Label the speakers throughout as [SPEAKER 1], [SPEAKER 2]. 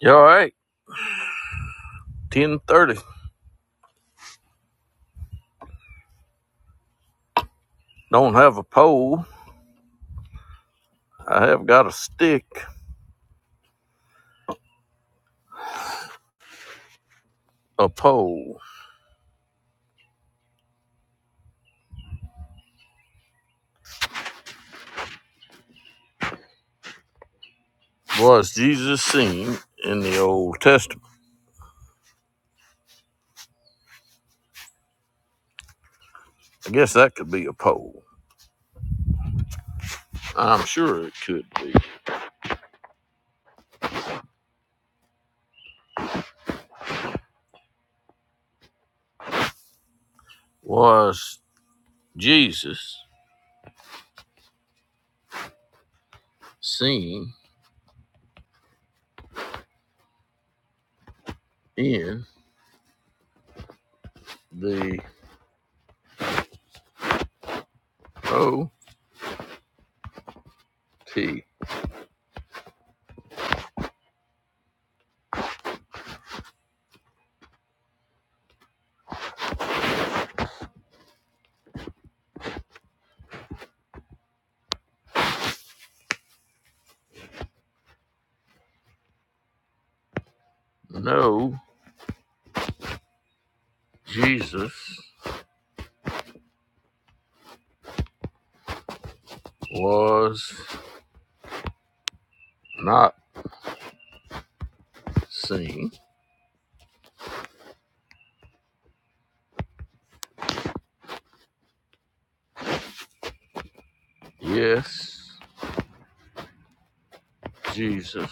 [SPEAKER 1] You all right? Ten thirty. Don't have a pole. I have got a stick. A pole was Jesus seen in the Old Testament. I guess that could be a pole. I'm sure it could be. Was Jesus seen in the O T? No, Jesus was not seen. Yes, Jesus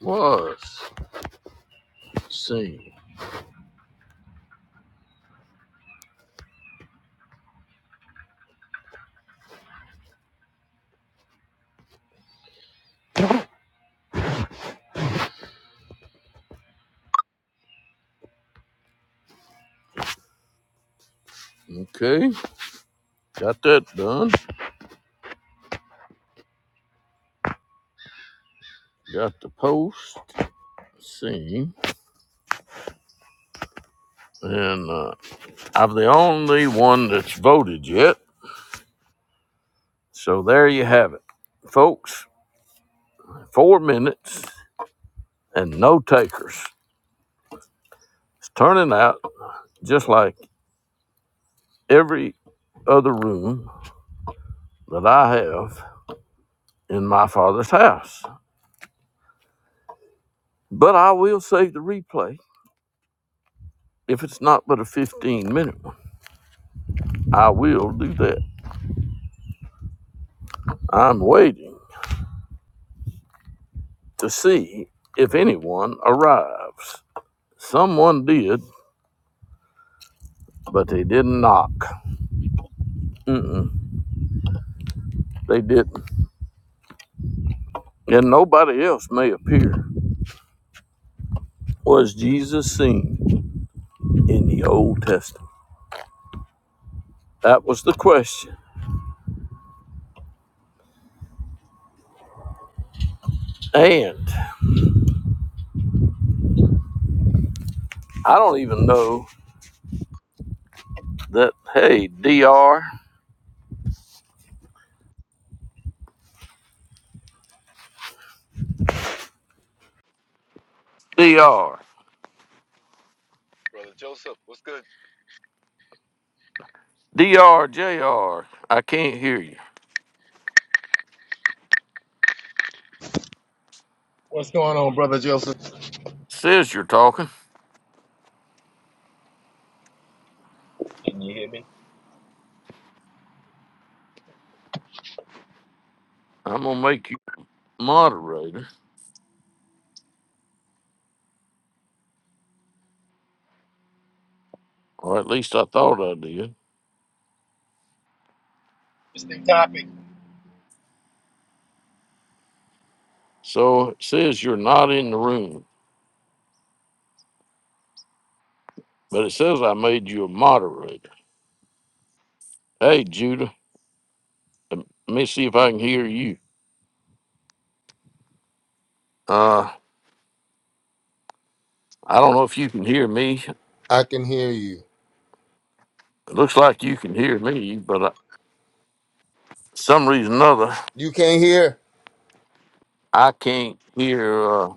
[SPEAKER 1] was seen. Okay. Got that done. Got the post. Let's see. And uh, I'm the only one that's voted yet. So there you have it. Folks, four minutes and no takers. It's turning out just like every other room that I have in my father's house. But I will save the replay if it's not but a 15 minute one. I will do that. I'm waiting to see if anyone arrives. Someone did, but they didn't knock. Mm-mm, they didn't. And nobody else may appear. Was Jesus seen in the Old Testament? That was the question. And I don't even know that, hey, D R D R,
[SPEAKER 2] Brother Joseph, what's good?
[SPEAKER 1] D R, J R, I can't hear you.
[SPEAKER 2] What's going on, brother Joseph?
[SPEAKER 1] Says you're talking.
[SPEAKER 2] Can you hear me?
[SPEAKER 1] I'm going to make you moderator, or at least I thought I did.
[SPEAKER 2] Interesting topic.
[SPEAKER 1] So it says you're not in the room, but it says I made you a moderator. Hey, Judah. Let me see if I can hear you. Uh, I don't know if you can hear me.
[SPEAKER 3] I can hear you.
[SPEAKER 1] It looks like you can hear me, but uh, some reason or another,
[SPEAKER 3] You can't hear?
[SPEAKER 1] I can't hear. Uh,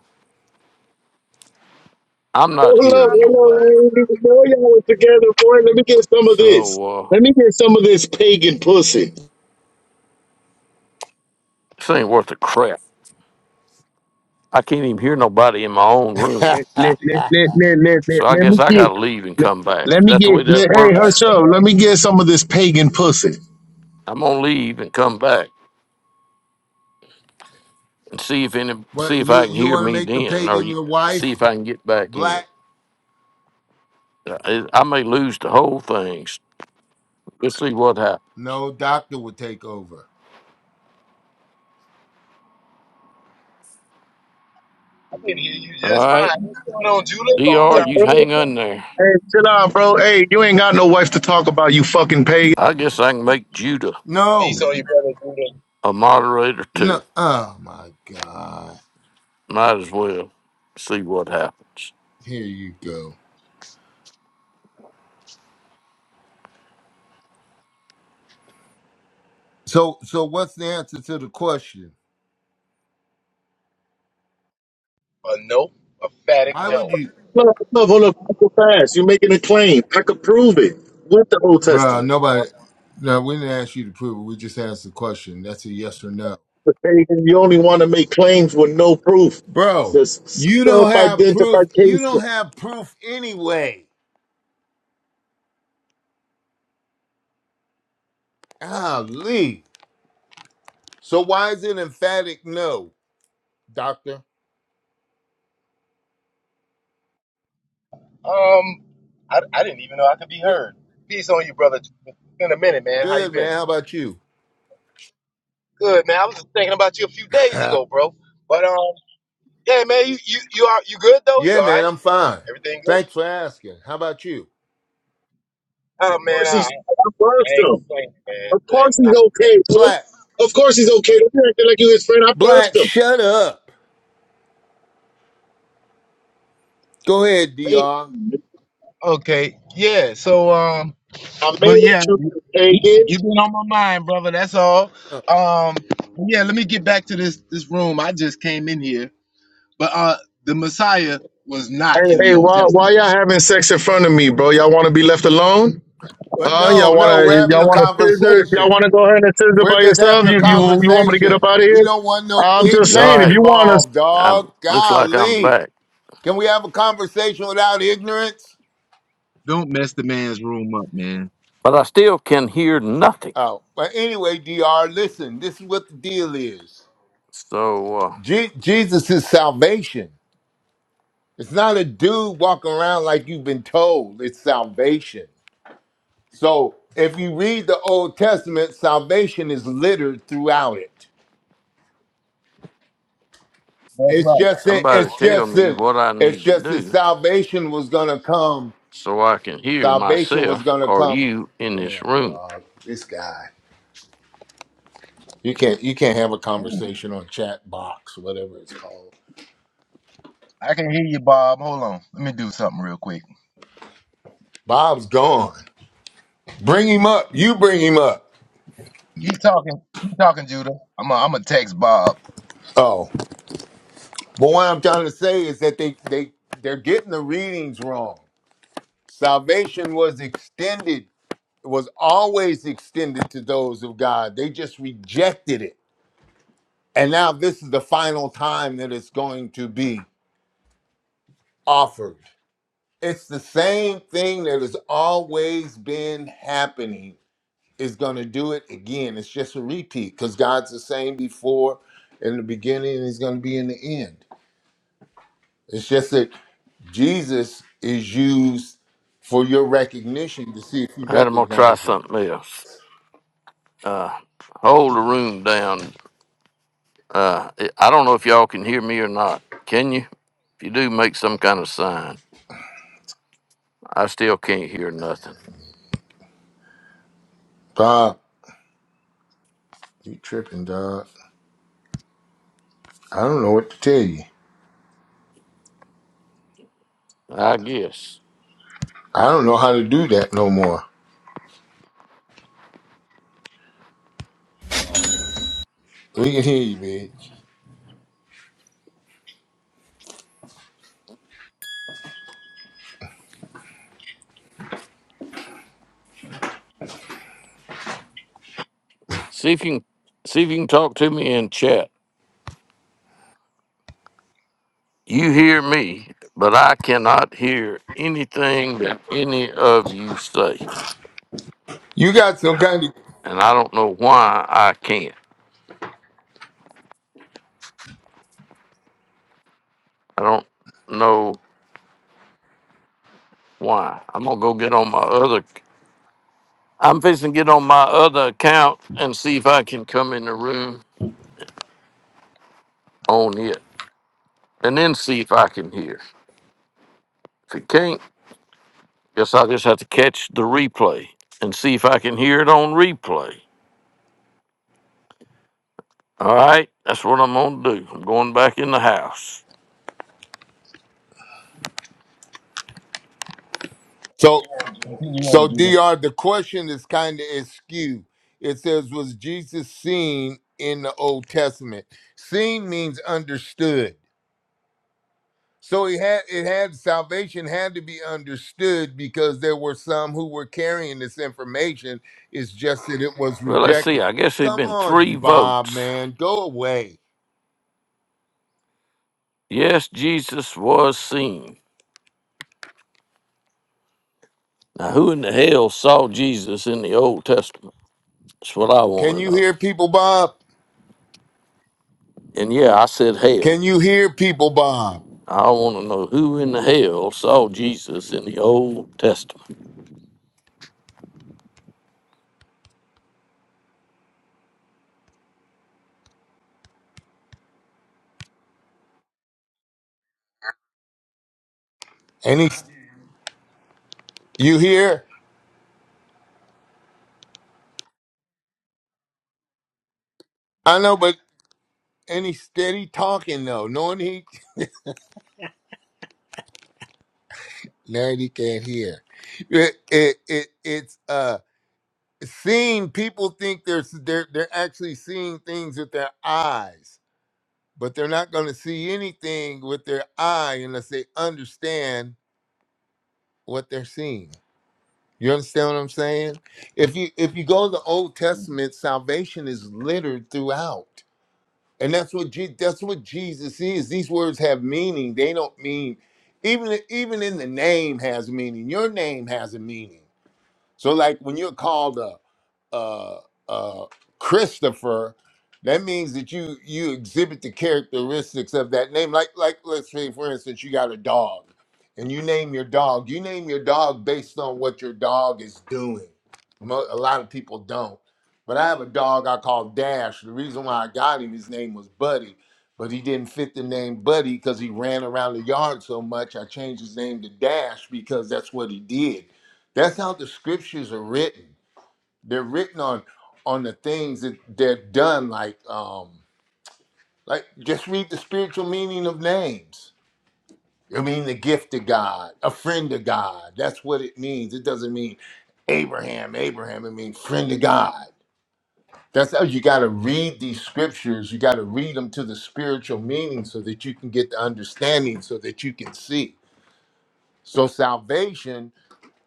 [SPEAKER 1] I'm not
[SPEAKER 4] Hold up,
[SPEAKER 1] hearing nobody.
[SPEAKER 4] hold up. Before y'all was together, boy, let me get some of this.
[SPEAKER 1] So uh,
[SPEAKER 4] Let me get some of this pagan pussy.
[SPEAKER 1] this ain't worth a crap. I can't even hear nobody in my own room.
[SPEAKER 4] Let, let, let, let, let, let, let,
[SPEAKER 1] So I
[SPEAKER 4] let
[SPEAKER 1] guess
[SPEAKER 4] me
[SPEAKER 1] I
[SPEAKER 4] get.
[SPEAKER 1] gotta leave and
[SPEAKER 4] Let,
[SPEAKER 1] come back. Is
[SPEAKER 4] let me
[SPEAKER 1] that the
[SPEAKER 4] get.
[SPEAKER 1] way that
[SPEAKER 4] Let, hey, hush
[SPEAKER 1] works?
[SPEAKER 4] up. Let me get some of this pagan pussy.
[SPEAKER 1] I'm gonna leave and come back and see if any, see
[SPEAKER 3] what
[SPEAKER 1] if I
[SPEAKER 3] you
[SPEAKER 1] can
[SPEAKER 3] you
[SPEAKER 1] hear
[SPEAKER 3] want to
[SPEAKER 1] me
[SPEAKER 3] make the
[SPEAKER 1] then, or
[SPEAKER 3] pagan
[SPEAKER 1] you,
[SPEAKER 3] your wife?
[SPEAKER 1] see if I can get back in.
[SPEAKER 3] Black?
[SPEAKER 1] Uh, I I may lose the whole thing. Let's see what happens.
[SPEAKER 3] No, doctor would take over.
[SPEAKER 2] I can hear you
[SPEAKER 1] All
[SPEAKER 2] just
[SPEAKER 1] right,
[SPEAKER 2] fine. What's going on, Judah? Long
[SPEAKER 1] DR,
[SPEAKER 2] time.
[SPEAKER 4] Hey,
[SPEAKER 1] you
[SPEAKER 2] no hear
[SPEAKER 1] hang
[SPEAKER 2] from
[SPEAKER 1] on
[SPEAKER 2] you.
[SPEAKER 1] there.
[SPEAKER 4] hey, chill out, bro. Hey, you ain't got no wife to talk about, you fucking pagan.
[SPEAKER 1] I guess I can make Judah
[SPEAKER 3] No.
[SPEAKER 2] These are your brother Judah.
[SPEAKER 1] a moderator
[SPEAKER 3] No.
[SPEAKER 1] too.
[SPEAKER 3] Oh my god.
[SPEAKER 1] Might as well see what happens.
[SPEAKER 3] Here you go. So so what's the answer to the question?
[SPEAKER 2] A no, a phatic
[SPEAKER 3] Why would
[SPEAKER 2] no.
[SPEAKER 3] you
[SPEAKER 4] Hold up, hold up. hold up. Talk so fast. You're making a claim. I could prove it with the Old
[SPEAKER 3] Bro,
[SPEAKER 4] Testament.
[SPEAKER 2] No.
[SPEAKER 3] nobody no, we didn't ask you to prove it. We just asked the question. That's a yes or no.
[SPEAKER 4] But pagan, you only want to make claims with no proof.
[SPEAKER 3] Bro,
[SPEAKER 4] Just
[SPEAKER 3] you
[SPEAKER 4] self
[SPEAKER 3] don't have proof. You
[SPEAKER 4] identification.
[SPEAKER 3] don't have proof anyway. Ah, So why is it emphatic no? Doctor?
[SPEAKER 2] Um, I, I didn't even know I could be
[SPEAKER 3] Yeah,
[SPEAKER 2] heard. Peace on you, brother. Judah. In a minute, man. How you
[SPEAKER 3] good man. How
[SPEAKER 2] been?
[SPEAKER 3] about you?
[SPEAKER 2] Good, man. I was just thinking about you a few days ago, bro. But um, yeah, man. You you you are you good though? You
[SPEAKER 3] yeah,
[SPEAKER 2] all
[SPEAKER 3] man,
[SPEAKER 2] right?
[SPEAKER 3] I'm fine.
[SPEAKER 2] Everything good?
[SPEAKER 3] Thanks for asking. How about you?
[SPEAKER 2] Oh man,
[SPEAKER 4] course
[SPEAKER 2] I,
[SPEAKER 4] he's. I birthed
[SPEAKER 2] I ain't
[SPEAKER 4] him.
[SPEAKER 2] complaining, man.
[SPEAKER 4] Of
[SPEAKER 2] I am
[SPEAKER 4] course
[SPEAKER 2] not.
[SPEAKER 4] he's okay, bro.
[SPEAKER 3] Black,
[SPEAKER 4] Of course he's okay. Don't be acting like you his friend. I birthed
[SPEAKER 3] Black,
[SPEAKER 4] him.
[SPEAKER 3] shut up. Go ahead,
[SPEAKER 4] Hey,
[SPEAKER 3] Dr.
[SPEAKER 2] Okay. Yeah. So um.
[SPEAKER 4] I made
[SPEAKER 2] But
[SPEAKER 4] him
[SPEAKER 2] yeah,
[SPEAKER 4] choose
[SPEAKER 2] you-
[SPEAKER 4] to take it.
[SPEAKER 2] you've been on my mind, brother. That's all.
[SPEAKER 3] Uh,
[SPEAKER 2] Um, yeah, let me get back to this this room. I just came in here, but uh, the Messiah was
[SPEAKER 4] Hey,
[SPEAKER 2] not in the
[SPEAKER 4] hey,
[SPEAKER 2] Old
[SPEAKER 4] why, why
[SPEAKER 2] Testament.
[SPEAKER 4] y'all having sex in front of me, bro? Y'all want to be left alone?
[SPEAKER 3] But
[SPEAKER 4] Huh? Y'all
[SPEAKER 3] no,
[SPEAKER 4] want
[SPEAKER 3] no, we're
[SPEAKER 4] to?
[SPEAKER 3] having
[SPEAKER 4] Y'all
[SPEAKER 3] a
[SPEAKER 4] want to scissor? Y'all
[SPEAKER 3] conversation.
[SPEAKER 4] want to go ahead and scissor
[SPEAKER 3] We're
[SPEAKER 4] by
[SPEAKER 3] just
[SPEAKER 4] yourself?
[SPEAKER 3] having a
[SPEAKER 4] You, you, you want me to get up
[SPEAKER 3] conversation.
[SPEAKER 4] out of
[SPEAKER 3] We
[SPEAKER 4] here?
[SPEAKER 3] don't want no
[SPEAKER 4] I'm
[SPEAKER 1] All
[SPEAKER 4] just saying,
[SPEAKER 3] ignorance
[SPEAKER 4] if you
[SPEAKER 1] right,
[SPEAKER 4] want to
[SPEAKER 3] involved,
[SPEAKER 1] I'm
[SPEAKER 3] dog.
[SPEAKER 1] looks like I'm
[SPEAKER 3] Golly,
[SPEAKER 1] back,
[SPEAKER 3] can we have a conversation without ignorance?
[SPEAKER 2] Don't mess the man's room up, man.
[SPEAKER 1] but I still can hear nothing.
[SPEAKER 3] Oh, but anyway, Dr. Listen, this is what the deal is.
[SPEAKER 1] So uh,
[SPEAKER 3] Je- Jesus is salvation. It's not a dude walking around like you've been told. It's salvation. So if you read the Old Testament, salvation is littered throughout it.
[SPEAKER 2] That's
[SPEAKER 3] It's
[SPEAKER 2] right.
[SPEAKER 3] just that it's
[SPEAKER 1] somebody tell
[SPEAKER 3] just
[SPEAKER 1] me
[SPEAKER 3] that
[SPEAKER 1] what I
[SPEAKER 3] it's
[SPEAKER 1] need to
[SPEAKER 3] just that
[SPEAKER 1] do
[SPEAKER 3] salvation was gonna come.
[SPEAKER 1] so I can hear
[SPEAKER 3] Salvation was
[SPEAKER 1] myself
[SPEAKER 3] gonna
[SPEAKER 1] or
[SPEAKER 3] come.
[SPEAKER 1] you in this
[SPEAKER 3] Damn
[SPEAKER 1] room.
[SPEAKER 3] dog, this guy. You can't you can't have a conversation on chat box, whatever it's called.
[SPEAKER 2] I can hear you, Bob. Hold on. Let me do something real quick.
[SPEAKER 3] Bob's gone. Bring him up. You bring him up.
[SPEAKER 2] Keep talking. Keep talking, Judah. I'm i I'm gonna text Bob.
[SPEAKER 3] Oh. But what I'm trying to say is that they they they're getting the readings wrong. Salvation was extended, was always extended to those of God. They just rejected it. And now this is the final time that it's going to be offered. It's the same thing that has always been happening. Is going to do it again. It's just a repeat because God's the same before in the beginning and he's going to be in the end. It's just that Jesus is used for your recognition to see if you
[SPEAKER 1] All right, I'm gonna try
[SPEAKER 3] recognize it.
[SPEAKER 1] something else. Uh, hold the room down Uh, I I don't know if y'all can hear me or not. Can you? If you do, make some kind of sign. I still can't hear nothing.
[SPEAKER 3] Bob, you tripping, dog. I don't know what to tell you.
[SPEAKER 1] I guess.
[SPEAKER 3] I don't know how to do that no more. We can hear you, man.
[SPEAKER 1] See if you can, see if you can talk to me in chat. You hear me, but I cannot hear anything that any of you say,
[SPEAKER 3] You got some kind of
[SPEAKER 1] and I don't know why I can't. I don't know why. I'm gonna go get on my other. I'm fixing to get on my other account and see if I can come in the room on it, and then see if I can hear. If it can't, guess I'll just have to catch the replay and see if I can hear it on replay. All right, that's what I'm going to do. I'm going back in the house.
[SPEAKER 3] so
[SPEAKER 2] Continue
[SPEAKER 3] so
[SPEAKER 2] on, Judah.
[SPEAKER 3] Dr. The question is kind of askew. It says, "Was Jesus seen in the Old Testament?" Seen means understood. So it had it had salvation had to be understood because there were some who were carrying this information. It's just that it was
[SPEAKER 1] Well, let's see.
[SPEAKER 3] rejected.
[SPEAKER 1] I guess there've
[SPEAKER 3] Come
[SPEAKER 1] been
[SPEAKER 3] on,
[SPEAKER 1] three
[SPEAKER 3] Bob,
[SPEAKER 1] votes.
[SPEAKER 3] man, go away.
[SPEAKER 1] Yes, Jesus was seen. Now, who in the hell saw Jesus in the Old Testament? That's what I
[SPEAKER 3] Can
[SPEAKER 1] want to
[SPEAKER 3] you
[SPEAKER 1] know.
[SPEAKER 3] hear people, Bob?
[SPEAKER 1] And yeah, I said hell.
[SPEAKER 3] Can you hear people, Bob?
[SPEAKER 1] I want to know who in the hell saw Jesus in the Old Testament.
[SPEAKER 3] Any you hear? I know, but any steady talking though, knowing he man he can't hear. It it, it it's uh seeing people think they're they're they're actually seeing things with their eyes but they're not going to see anything with their eye unless they understand what they're seeing. You understand what I'm saying? If you if you go to the Old Testament, salvation is littered throughout, and that's what Je- that's what Jesus is. These words have meaning. They don't mean even even in the name has meaning. Your name has a meaning. So like when you're called up uh, uh, Christopher, that means that you you exhibit the characteristics of that name. Like like let's say for instance, you got a dog, and you name your dog. You name your dog based on what your dog is doing. Mo- A lot of people don't, but I have a dog I call Dash. The reason why I got him, his name was Buddy. But he didn't fit the name Buddy because he ran around the yard so much. I changed his name to Dash because that's what he did. That's how the scriptures are written. They're written on on the things that they're done, like um, like just read the spiritual meaning of names. I mean, the gift of God, a friend of God. That's what it means. It doesn't mean Abraham, Abraham. It means friend of God. That's how you got to read these scriptures. You got to read them to the spiritual meaning so that you can get the understanding, so that you can see. So salvation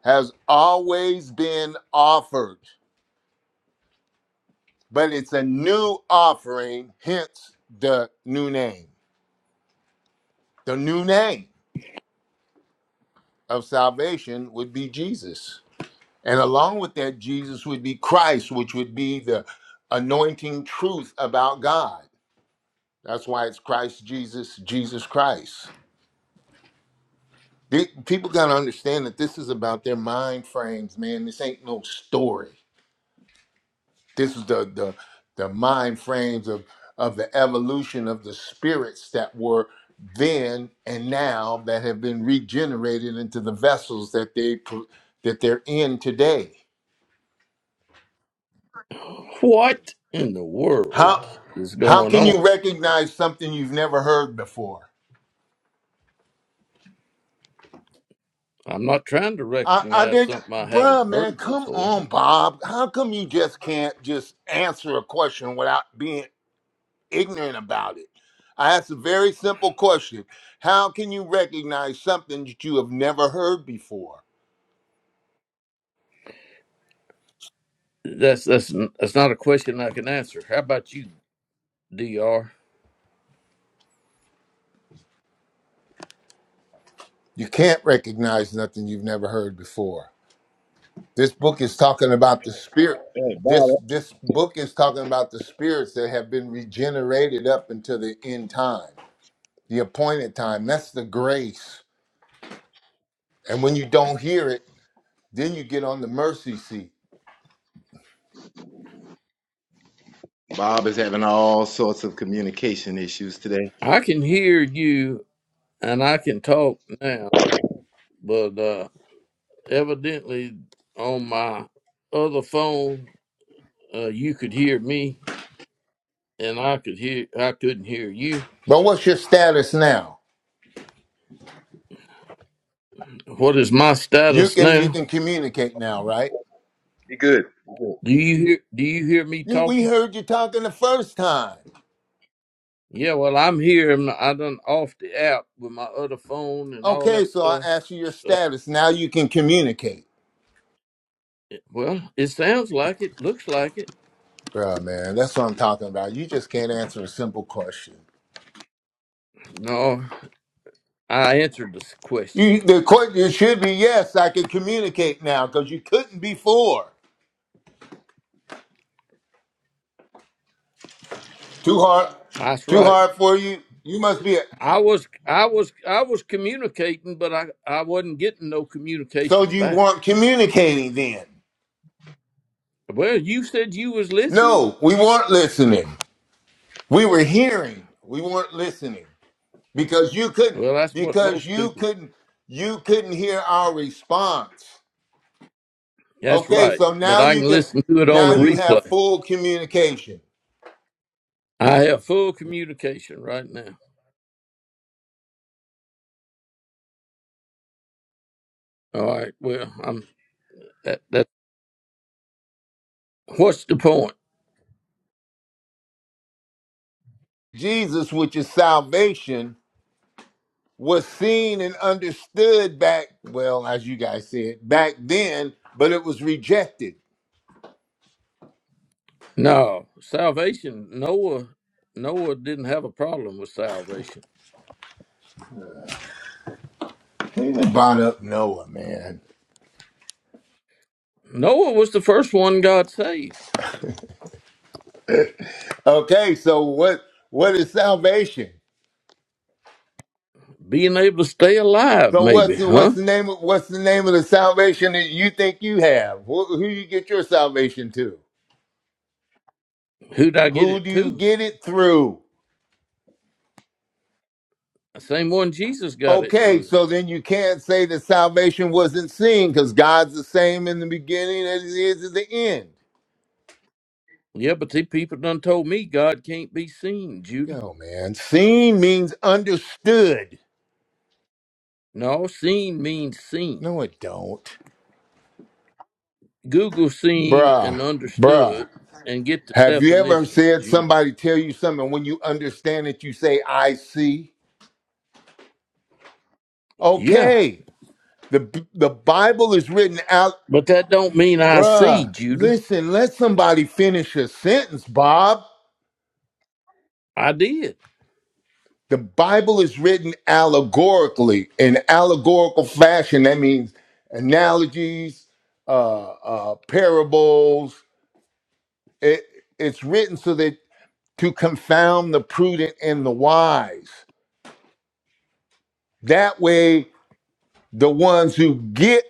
[SPEAKER 3] has always been offered. but it's a new offering, hence the new name. The new name of salvation would be Jesus. And along with that, Jesus would be Christ, which would be the anointing truth about God. That's why it's Christ Jesus, Jesus Christ. The- People got to understand that this is about their mind frames, man. This ain't no story. This is the the the mind frames of of the evolution of the spirits that were then and now that have been regenerated into the vessels that they pro- that they're in today.
[SPEAKER 5] What in the world
[SPEAKER 3] How
[SPEAKER 5] is
[SPEAKER 3] how
[SPEAKER 5] going
[SPEAKER 3] can you
[SPEAKER 5] on?
[SPEAKER 3] recognize something you've never heard before?
[SPEAKER 5] I'm not trying to
[SPEAKER 3] I, I
[SPEAKER 5] recognize
[SPEAKER 3] didn't,
[SPEAKER 5] something I haven't
[SPEAKER 3] bruh, man.
[SPEAKER 5] heard
[SPEAKER 3] Come
[SPEAKER 5] before.
[SPEAKER 3] on, Bob. How come you just can't just answer a question without being ignorant about it. I asked a very simple question How can you recognize something that you have never heard before?
[SPEAKER 5] That's that's that's not a question I can answer. How about you, Dr.
[SPEAKER 3] You can't recognize nothing you've never heard before. This book is talking about the spirit.
[SPEAKER 2] Hey, Bob.
[SPEAKER 3] This this book is talking about the spirits that have been regenerated up until the end time, the appointed time. That's the grace. And when you don't hear it, then you get on the mercy seat.
[SPEAKER 2] Bob is having all sorts of communication issues today.
[SPEAKER 5] I can hear you and I can talk now, but uh, evidently on my other phone, uh, you could hear me and I could hear I couldn't hear you.
[SPEAKER 3] But what's your status now?
[SPEAKER 5] What is my
[SPEAKER 3] You
[SPEAKER 5] status
[SPEAKER 3] can you
[SPEAKER 5] now?
[SPEAKER 3] can communicate now, right?
[SPEAKER 2] Be good.
[SPEAKER 5] Do you hear Do you hear me
[SPEAKER 3] You, we
[SPEAKER 5] talking?
[SPEAKER 3] heard you talking the first time.
[SPEAKER 5] Yeah, well, I'm here. I'm I done off the app with my other phone and all
[SPEAKER 3] Okay,
[SPEAKER 5] that
[SPEAKER 3] so I
[SPEAKER 5] stuff.
[SPEAKER 3] asked you your
[SPEAKER 5] So,
[SPEAKER 3] status. Now you can communicate.
[SPEAKER 5] it- well, it sounds like it. Looks like it.
[SPEAKER 3] Bruh, man, that's what I'm talking about. You just can't answer a simple question.
[SPEAKER 5] No, I answered this question.
[SPEAKER 3] You, the question should be yes, I can communicate now because you couldn't before. Too hard,
[SPEAKER 5] That's
[SPEAKER 3] too
[SPEAKER 5] right.
[SPEAKER 3] hard for you. You must be. A,
[SPEAKER 5] I was, I was, I was communicating, but I, I wasn't getting no
[SPEAKER 3] so
[SPEAKER 5] communication
[SPEAKER 3] you
[SPEAKER 5] back.
[SPEAKER 3] weren't communicating then?
[SPEAKER 5] Well, you said you was listening.
[SPEAKER 3] No, we weren't listening. We were hearing. We weren't listening. because you could
[SPEAKER 5] Well, that's what
[SPEAKER 3] because
[SPEAKER 5] most
[SPEAKER 3] you
[SPEAKER 5] people.
[SPEAKER 3] couldn't you couldn't hear our response
[SPEAKER 5] That's
[SPEAKER 3] okay
[SPEAKER 5] right.
[SPEAKER 3] so
[SPEAKER 5] But
[SPEAKER 3] now
[SPEAKER 5] I
[SPEAKER 3] you
[SPEAKER 5] can
[SPEAKER 3] can
[SPEAKER 5] listen to it on a
[SPEAKER 3] now you have
[SPEAKER 5] replay.
[SPEAKER 3] full communication
[SPEAKER 5] I have full communication right now. All right. Well, I'm that. That. What's the point?
[SPEAKER 3] jesus which is salvation was seen and understood back well as you guys said back then but it was rejected
[SPEAKER 5] No, salvation. Noah Noah didn't have a problem with salvation.
[SPEAKER 3] Even brought up noah man
[SPEAKER 5] Noah was the first one God saved.
[SPEAKER 3] okay so what what is salvation
[SPEAKER 5] Being able to stay alive,
[SPEAKER 3] so what's
[SPEAKER 5] maybe,
[SPEAKER 3] the what's
[SPEAKER 5] huh?
[SPEAKER 3] the name of what's the name of the salvation that you think you have? Who, who you get your salvation to?
[SPEAKER 5] Who'd I get
[SPEAKER 3] Who
[SPEAKER 5] it
[SPEAKER 3] do you
[SPEAKER 5] to?
[SPEAKER 3] get it through?
[SPEAKER 5] The same one Jesus got it
[SPEAKER 3] Okay,
[SPEAKER 5] through.
[SPEAKER 3] so then you can't say that salvation wasn't seen because God's the same in the beginning as he is at the end.
[SPEAKER 5] Yeah, but the people done told me God can't be seen, Judah.
[SPEAKER 3] Yo, man, seen means understood.
[SPEAKER 5] No, seen means seen.
[SPEAKER 3] No, it don't.
[SPEAKER 5] Google seen
[SPEAKER 3] Bruh,
[SPEAKER 5] and understood
[SPEAKER 3] bruh.
[SPEAKER 5] and get the
[SPEAKER 3] Have you ever
[SPEAKER 5] definition,
[SPEAKER 3] said
[SPEAKER 5] Judah.
[SPEAKER 3] somebody tell you something when you understand it, you say, I see?
[SPEAKER 5] Yeah.
[SPEAKER 3] Okay. The B- the Bible is written out.
[SPEAKER 5] But that don't mean I see,
[SPEAKER 3] Bruh,
[SPEAKER 5] Judah.
[SPEAKER 3] listen, let somebody finish a sentence, Bob.
[SPEAKER 5] I did.
[SPEAKER 3] The Bible is written allegorically in allegorical fashion. That means analogies, uh, uh, parables. It, it's written so that to confound the prudent and the wise. That way, the ones who get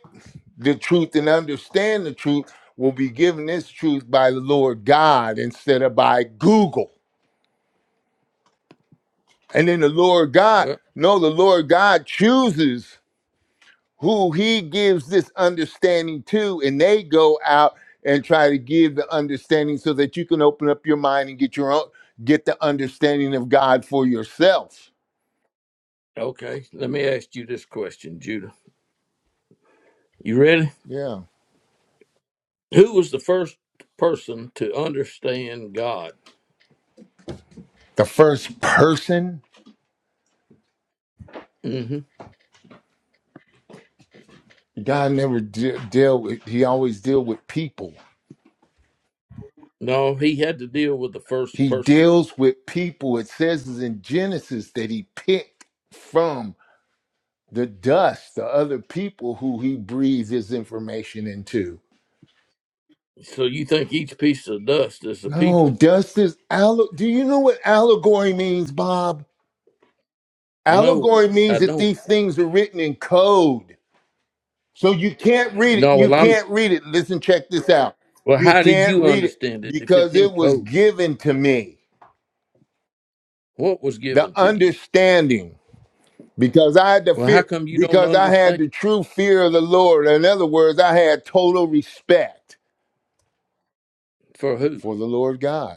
[SPEAKER 3] the truth and understand the truth will be given this truth by the Lord God instead of by Google. And then the Lord God,
[SPEAKER 5] Well,
[SPEAKER 3] no, the Lord God chooses. who he gives this understanding to, and they go out and try to give the understanding so that you can open up your mind and get your own get the understanding of God for yourself.
[SPEAKER 5] Okay, let me ask you this question, Judah. You ready?
[SPEAKER 3] Yeah.
[SPEAKER 5] Who was the first person to understand God?
[SPEAKER 3] The first person,
[SPEAKER 5] hmm
[SPEAKER 3] God never de- deal with he always deal with people.
[SPEAKER 5] No, he had to deal with the first
[SPEAKER 3] He
[SPEAKER 5] person.
[SPEAKER 3] deals with people. It says in Genesis that he picked from the dust, the other people who he breathed his information into
[SPEAKER 5] So you think each piece of dust is the
[SPEAKER 3] No,
[SPEAKER 5] people?
[SPEAKER 3] dust is alle- Do you know what allegory means, Bob?
[SPEAKER 5] No,
[SPEAKER 3] Allegory
[SPEAKER 5] I
[SPEAKER 3] means that
[SPEAKER 5] don't.
[SPEAKER 3] these things are written in code. So you can't read it.
[SPEAKER 5] No,
[SPEAKER 3] You
[SPEAKER 5] well, I'm.
[SPEAKER 3] can't read it. Listen, check this out.
[SPEAKER 5] Well,
[SPEAKER 3] You
[SPEAKER 5] how did
[SPEAKER 3] can't
[SPEAKER 5] you
[SPEAKER 3] read it
[SPEAKER 5] understand it if it's
[SPEAKER 3] because
[SPEAKER 5] in
[SPEAKER 3] it was
[SPEAKER 5] code?
[SPEAKER 3] given to me.
[SPEAKER 5] What was
[SPEAKER 3] The
[SPEAKER 5] given to you?
[SPEAKER 3] understanding. Because I had the
[SPEAKER 5] Well, how
[SPEAKER 3] fear.
[SPEAKER 5] come you don't
[SPEAKER 3] Because I had
[SPEAKER 5] understand?
[SPEAKER 3] the true fear of the Lord. In other words, I had total respect
[SPEAKER 5] For who?
[SPEAKER 3] for the Lord God,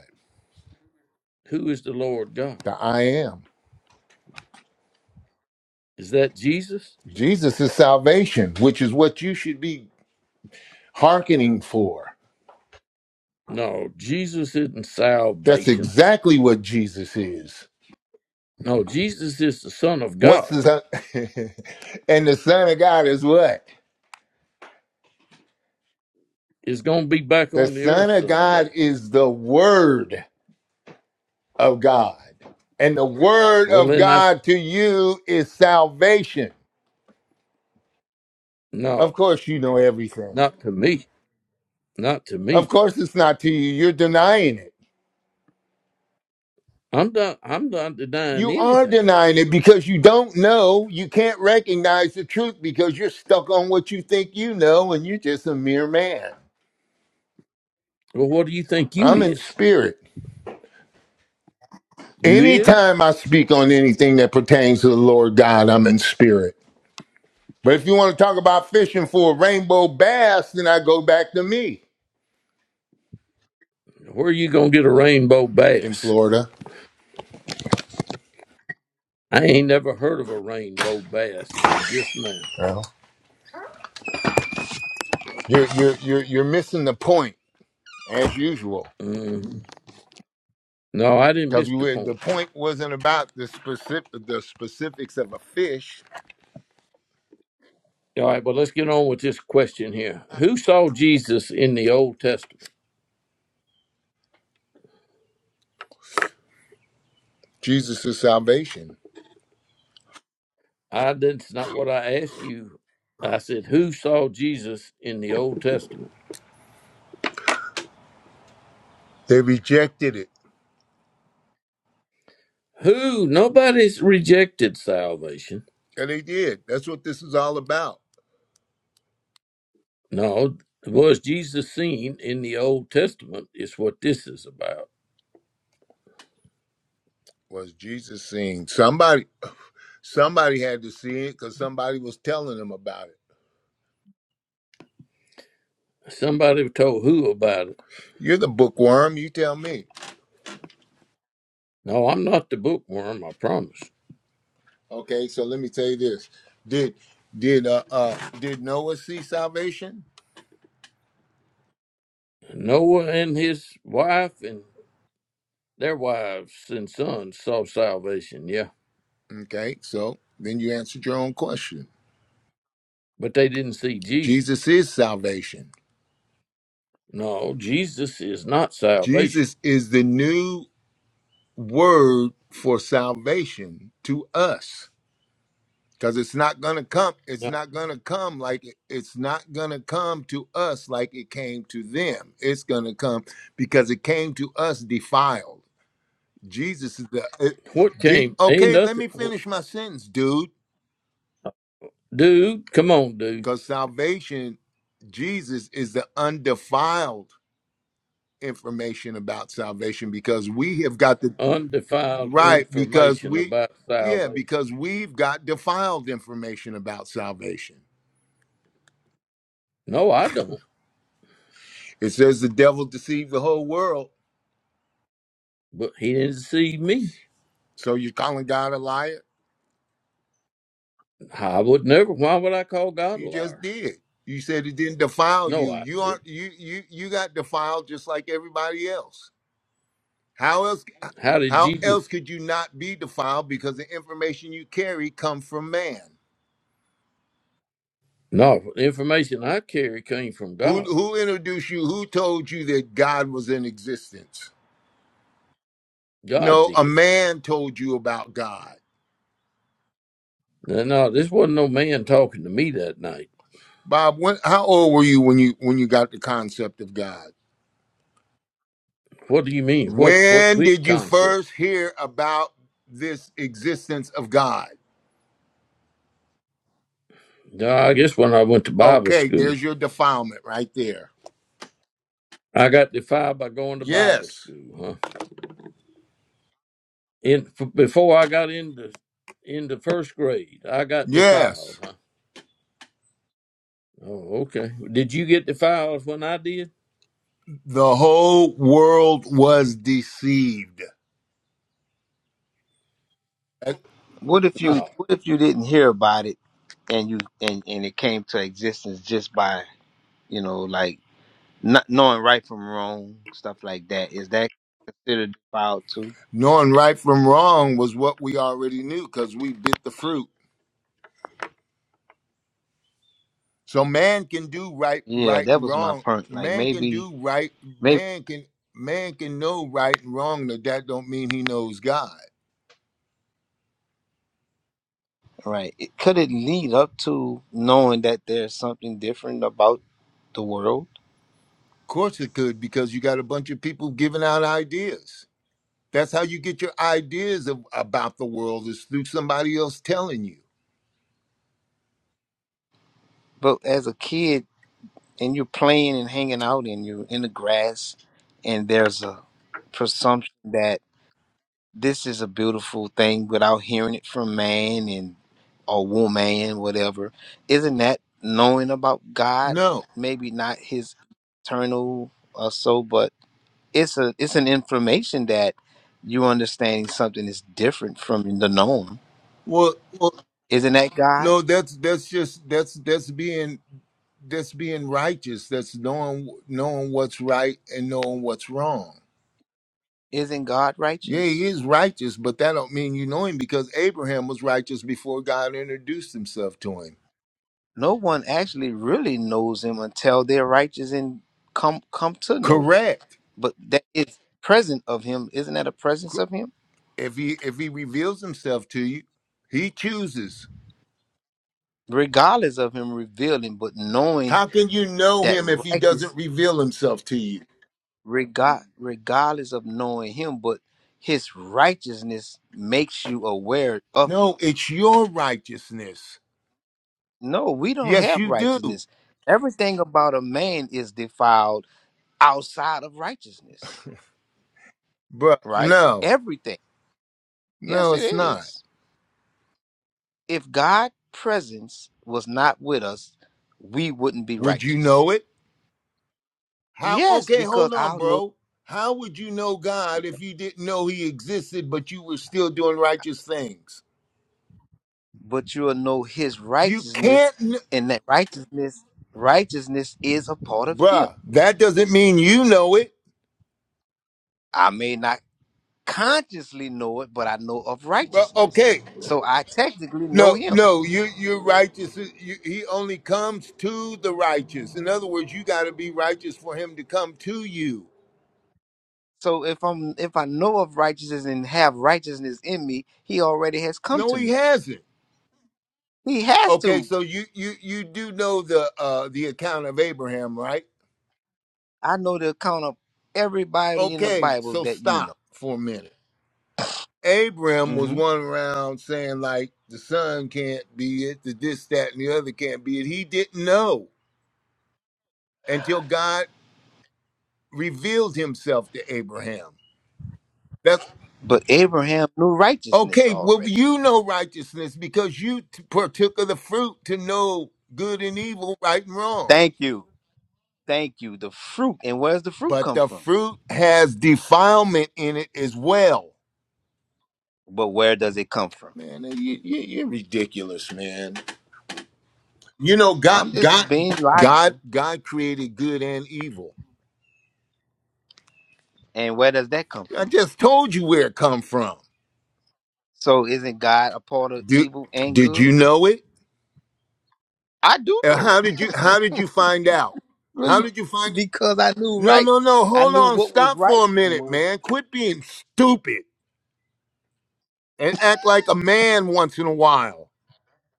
[SPEAKER 5] Who is the Lord God?
[SPEAKER 3] the I am.
[SPEAKER 5] Is that Jesus?
[SPEAKER 3] Jesus is salvation, which is what you should be hearkening for.
[SPEAKER 5] No, Jesus isn't
[SPEAKER 3] That's
[SPEAKER 5] salvation.
[SPEAKER 3] exactly what Jesus is.
[SPEAKER 5] No, Jesus is the Son of
[SPEAKER 3] What's
[SPEAKER 5] God.
[SPEAKER 3] the son? and the Son of God is what?
[SPEAKER 5] is going to be back
[SPEAKER 3] The
[SPEAKER 5] on the
[SPEAKER 3] Son
[SPEAKER 5] earth
[SPEAKER 3] of
[SPEAKER 5] someday.
[SPEAKER 3] God is the Word of God. And the Word
[SPEAKER 5] Well,
[SPEAKER 3] of
[SPEAKER 5] then that's
[SPEAKER 3] God to you is salvation. Of
[SPEAKER 5] no,
[SPEAKER 3] course, you know everything.
[SPEAKER 5] not to me, not to
[SPEAKER 3] Of
[SPEAKER 5] me.
[SPEAKER 3] course, it's not to you. You're denying it.
[SPEAKER 5] I'm not, I'm not denying
[SPEAKER 3] You are
[SPEAKER 5] anything.
[SPEAKER 3] denying it because you don't know. You can't recognize the truth because you're stuck on what you think you know and you're just a mere man.
[SPEAKER 5] Well, what do you think you
[SPEAKER 3] I'm in
[SPEAKER 5] is?
[SPEAKER 3] spirit.
[SPEAKER 5] You is?
[SPEAKER 3] Anytime I speak on anything that pertains to the Lord God, I'm in spirit. But if you want to talk about fishing for a rainbow bass, then I go back to me
[SPEAKER 5] Where are you gonna get a rainbow
[SPEAKER 3] in
[SPEAKER 5] bass?
[SPEAKER 3] Florida.
[SPEAKER 5] I ain't never heard of a rainbow bass till just now.
[SPEAKER 3] Well, you're you're you're you're missing the point as usual
[SPEAKER 5] hmm No, I didn't
[SPEAKER 3] because
[SPEAKER 5] miss
[SPEAKER 3] we
[SPEAKER 5] the
[SPEAKER 3] were, the
[SPEAKER 5] point.
[SPEAKER 3] point wasn't about the specific the specifics of a fish.
[SPEAKER 5] All right, well, let's get on with this question here. Who saw Jesus in the Old Testament?
[SPEAKER 3] Jesus' salvation.
[SPEAKER 5] I that's not what I asked you. I said, who saw Jesus in the Old Testament?
[SPEAKER 3] They rejected it,
[SPEAKER 5] Who? Nobody's rejected salvation.
[SPEAKER 3] and they did. That's what this is all about.
[SPEAKER 5] No, was Jesus seen in the Old Testament is what this is about.
[SPEAKER 3] Was Jesus seeing somebody? Somebody had to see it because somebody was telling them about it.
[SPEAKER 5] Somebody told who about it.
[SPEAKER 3] You're the bookworm. You tell me.
[SPEAKER 5] No, I'm not the bookworm, I promise.
[SPEAKER 3] Okay, so let me tell you this: did did uh, uh did Noah see salvation?
[SPEAKER 5] Noah and his wife and their wives and sons saw salvation, yeah,
[SPEAKER 3] Okay, so then you answered your own question.
[SPEAKER 5] but they didn't see Jesus.
[SPEAKER 3] Jesus is salvation.
[SPEAKER 5] No, Jesus is not salvation.
[SPEAKER 3] Jesus is the new word for salvation to us because it's not gonna come. It's
[SPEAKER 5] No.
[SPEAKER 3] not gonna come like it- it's not gonna come to us like it came to them. It's gonna come because it came to us defiled. Jesus is the. it-
[SPEAKER 5] What
[SPEAKER 3] Je-
[SPEAKER 5] came? Ain't
[SPEAKER 3] okay, let
[SPEAKER 5] nothing.
[SPEAKER 3] me finish my sentence, dude.
[SPEAKER 5] Dude, come on, dude.
[SPEAKER 3] Because salvation, Jesus is the undefiled information about salvation because we have got the.
[SPEAKER 5] Undefiled
[SPEAKER 3] Right, because
[SPEAKER 5] information
[SPEAKER 3] we.
[SPEAKER 5] about
[SPEAKER 3] Yeah,
[SPEAKER 5] salvation.
[SPEAKER 3] because we've got defiled information about salvation.
[SPEAKER 5] No, I don't.
[SPEAKER 3] It says the devil deceived the whole world.
[SPEAKER 5] But he didn't deceive me.
[SPEAKER 3] So you're calling God a liar?
[SPEAKER 5] I would never. Why would I call God a
[SPEAKER 3] You just
[SPEAKER 5] liar?
[SPEAKER 3] did. You said it didn't defile
[SPEAKER 5] No,
[SPEAKER 3] you.
[SPEAKER 5] I
[SPEAKER 3] You
[SPEAKER 5] didn't.
[SPEAKER 3] aren't you you you got defiled just like everybody else. How else
[SPEAKER 5] How did
[SPEAKER 3] how
[SPEAKER 5] Jesus?
[SPEAKER 3] else could you not be defiled because the information you carry come from man?
[SPEAKER 5] No, the information I carry came from
[SPEAKER 3] Who
[SPEAKER 5] God.
[SPEAKER 3] who introduced you? Who told you that God was in existence?
[SPEAKER 5] God
[SPEAKER 3] No, a
[SPEAKER 5] did.
[SPEAKER 3] man told you about God.
[SPEAKER 5] No, no, this wasn't no man talking to me that night.
[SPEAKER 3] Bob, when how old were you when you when you got the concept of God?
[SPEAKER 5] What do you mean? What? What?
[SPEAKER 3] When
[SPEAKER 5] Which
[SPEAKER 3] did you
[SPEAKER 5] concept?
[SPEAKER 3] first hear about this existence of God?
[SPEAKER 5] No, I guess when I went to Bible
[SPEAKER 3] Okay,
[SPEAKER 5] school,
[SPEAKER 3] there's your defilement right there.
[SPEAKER 5] I got defied by going to Bible
[SPEAKER 3] Yes.
[SPEAKER 5] school, huh? In f- before I got into into first grade, I got defiled,
[SPEAKER 3] Yes.
[SPEAKER 5] huh? Oh, okay. Did you get defiled when I did?
[SPEAKER 3] The whole world was deceived.
[SPEAKER 6] What if you
[SPEAKER 5] No,
[SPEAKER 6] what if you didn't hear about it and you and and it came to existence just by you know like not knowing right from wrong stuff like that? Is that considered defiled too?
[SPEAKER 3] Knowing right from wrong was what we already knew because we bit the fruit. So man can do right,
[SPEAKER 6] Yeah,
[SPEAKER 3] right
[SPEAKER 6] that
[SPEAKER 3] and
[SPEAKER 6] was my
[SPEAKER 3] wrong.
[SPEAKER 6] point. Like
[SPEAKER 3] Man can
[SPEAKER 6] maybe
[SPEAKER 3] do right.
[SPEAKER 6] maybe
[SPEAKER 3] Man can man can know right and wrong. But that don't mean he knows God. Of
[SPEAKER 6] right. It, could it lead up to knowing that there's something different about the world?
[SPEAKER 3] course it could because you got a bunch of people giving out ideas. That's how you get your ideas of, about the world is through somebody else telling you.
[SPEAKER 6] But as a kid and you're playing and hanging out and you're in the grass and there's a presumption that this is a beautiful thing without hearing it from man and or woman, whatever. Isn't that knowing about God?
[SPEAKER 3] No.
[SPEAKER 6] Maybe not his eternal or so, but it's a it's an information that you're understanding something is different from the norm.
[SPEAKER 3] Well, well,
[SPEAKER 6] Isn't that God?
[SPEAKER 3] No, that's that's just that's that's being that's being righteous. That's knowing knowing what's right and knowing what's wrong.
[SPEAKER 6] Isn't God
[SPEAKER 3] Yeah, he
[SPEAKER 6] righteous?
[SPEAKER 3] is righteous, but that don't mean you know him because Abraham was righteous before God introduced himself to him.
[SPEAKER 6] No one actually really knows him until they're righteous and come come to know.
[SPEAKER 3] Correct.
[SPEAKER 6] But that is present of him. Isn't that a presence
[SPEAKER 3] Co-
[SPEAKER 6] of him?
[SPEAKER 3] If he if he reveals himself to you, he chooses.
[SPEAKER 6] regardless of him revealing, but knowing
[SPEAKER 3] How can you know
[SPEAKER 6] that
[SPEAKER 3] him if he doesn't
[SPEAKER 6] righteous
[SPEAKER 3] reveal himself to you?
[SPEAKER 6] regard regardless of knowing him, but his righteousness makes you aware of
[SPEAKER 3] No,
[SPEAKER 6] him.
[SPEAKER 3] it's your righteousness.
[SPEAKER 6] No, we don't
[SPEAKER 3] Yes,
[SPEAKER 6] have
[SPEAKER 3] you do.
[SPEAKER 6] righteousness. Everything about a man is defiled outside of righteousness,
[SPEAKER 3] But
[SPEAKER 6] right?
[SPEAKER 3] no,
[SPEAKER 6] Everything. Yes,
[SPEAKER 3] no,
[SPEAKER 6] it
[SPEAKER 3] it's not.
[SPEAKER 6] is. If God's presence was not with us, we wouldn't be
[SPEAKER 3] Would you
[SPEAKER 6] righteous.
[SPEAKER 3] know it? How?
[SPEAKER 6] Yes,
[SPEAKER 3] Okay,
[SPEAKER 6] because
[SPEAKER 3] hold on,
[SPEAKER 6] I'll know.
[SPEAKER 3] bro. How would you know God if you didn't know He existed, but you were still doing righteous things?
[SPEAKER 6] but you will know his
[SPEAKER 3] You
[SPEAKER 6] righteousness,
[SPEAKER 3] can't, kn-
[SPEAKER 6] and that righteousness, righteousness is a part of him.
[SPEAKER 3] bruh. That doesn't mean you know it.
[SPEAKER 6] I may not consciously know it, but I know of
[SPEAKER 3] But
[SPEAKER 6] righteousness.
[SPEAKER 3] okay,
[SPEAKER 6] So I technically know
[SPEAKER 3] no,
[SPEAKER 6] him.
[SPEAKER 3] no, you you're righteous. You, he only comes to the righteous. In other words, you got to be righteous for Him to come to you.
[SPEAKER 6] So if I'm if I know of righteousness and have righteousness in me, he already has come
[SPEAKER 3] No,
[SPEAKER 6] to
[SPEAKER 3] He
[SPEAKER 6] me.
[SPEAKER 3] hasn't.
[SPEAKER 6] He has
[SPEAKER 3] Okay,
[SPEAKER 6] to.
[SPEAKER 3] so you you you do know the uh the account of Abraham, right?
[SPEAKER 6] I know the account of everybody in the
[SPEAKER 3] Okay,
[SPEAKER 6] Bible
[SPEAKER 3] so
[SPEAKER 6] that you
[SPEAKER 3] stop
[SPEAKER 6] know.
[SPEAKER 3] for a minute Abram was
[SPEAKER 6] hmm
[SPEAKER 3] one around saying like the son can't be it, the this, that, and the other can't be it. He didn't know until God revealed himself to Abraham. That's
[SPEAKER 6] But Abraham knew righteousness
[SPEAKER 3] okay. Well,
[SPEAKER 6] already.
[SPEAKER 3] you know righteousness because you t- partook of the fruit to know good and evil, right and wrong.
[SPEAKER 6] Thank you. Thank you. The fruit. And where's the fruit
[SPEAKER 3] But
[SPEAKER 6] come
[SPEAKER 3] the
[SPEAKER 6] from?
[SPEAKER 3] fruit has defilement in it as well.
[SPEAKER 6] But where does it come from?
[SPEAKER 3] Man, you, you, you're ridiculous, man. You know,
[SPEAKER 6] I'm
[SPEAKER 3] God,
[SPEAKER 6] just
[SPEAKER 3] God,
[SPEAKER 6] being
[SPEAKER 3] God,
[SPEAKER 6] logical.
[SPEAKER 3] God created good and evil.
[SPEAKER 6] And where does that come
[SPEAKER 3] I
[SPEAKER 6] from?
[SPEAKER 3] just told you where it come from.
[SPEAKER 6] So isn't God a part of
[SPEAKER 3] Did,
[SPEAKER 6] evil and
[SPEAKER 3] did you
[SPEAKER 6] good?
[SPEAKER 3] know it?
[SPEAKER 6] I do
[SPEAKER 3] And
[SPEAKER 6] know
[SPEAKER 3] how
[SPEAKER 6] it.
[SPEAKER 3] did you how did you find out? How
[SPEAKER 6] Really?
[SPEAKER 3] did you find
[SPEAKER 6] because I knew
[SPEAKER 3] No,
[SPEAKER 6] right.
[SPEAKER 3] no, no.
[SPEAKER 6] I
[SPEAKER 3] Hold
[SPEAKER 6] knew
[SPEAKER 3] on.
[SPEAKER 6] what was
[SPEAKER 3] Stop
[SPEAKER 6] right
[SPEAKER 3] for a
[SPEAKER 6] and what
[SPEAKER 3] minute,
[SPEAKER 6] was
[SPEAKER 3] man. Quit being stupid and act like a man once in a while.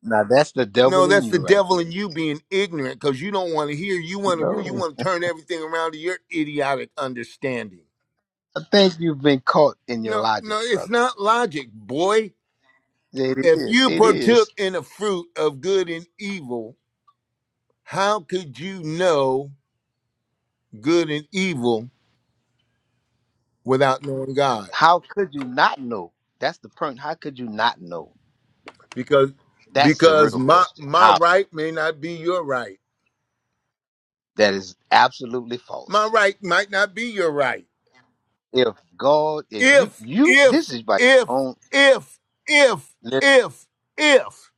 [SPEAKER 6] Now that's the devil
[SPEAKER 3] No,
[SPEAKER 6] in
[SPEAKER 3] that's
[SPEAKER 6] you
[SPEAKER 3] the
[SPEAKER 6] right
[SPEAKER 3] devil in
[SPEAKER 6] there.
[SPEAKER 3] you being ignorant cuz you don't want to hear. You want to you
[SPEAKER 6] No.
[SPEAKER 3] want to turn everything around to your idiotic understanding.
[SPEAKER 6] I think you've been caught in your
[SPEAKER 3] No,
[SPEAKER 6] logic,
[SPEAKER 3] no, it's
[SPEAKER 6] brother.
[SPEAKER 3] not logic, boy.
[SPEAKER 6] It
[SPEAKER 3] If
[SPEAKER 6] is.
[SPEAKER 3] you
[SPEAKER 6] It is.
[SPEAKER 3] partook in the fruit of good and evil, how could you know good and evil without knowing God.
[SPEAKER 6] How could you not know? That's the point. How could you not know?
[SPEAKER 3] Because
[SPEAKER 6] That's the
[SPEAKER 3] because
[SPEAKER 6] real
[SPEAKER 3] my
[SPEAKER 6] question.
[SPEAKER 3] my
[SPEAKER 6] How?
[SPEAKER 3] right may not be your right.
[SPEAKER 6] That is absolutely
[SPEAKER 3] My
[SPEAKER 6] false.
[SPEAKER 3] right might not be your right.
[SPEAKER 6] if God, if you
[SPEAKER 3] If
[SPEAKER 6] you this
[SPEAKER 3] if
[SPEAKER 6] is by your
[SPEAKER 3] if
[SPEAKER 6] own
[SPEAKER 3] if if
[SPEAKER 6] listen,
[SPEAKER 3] if if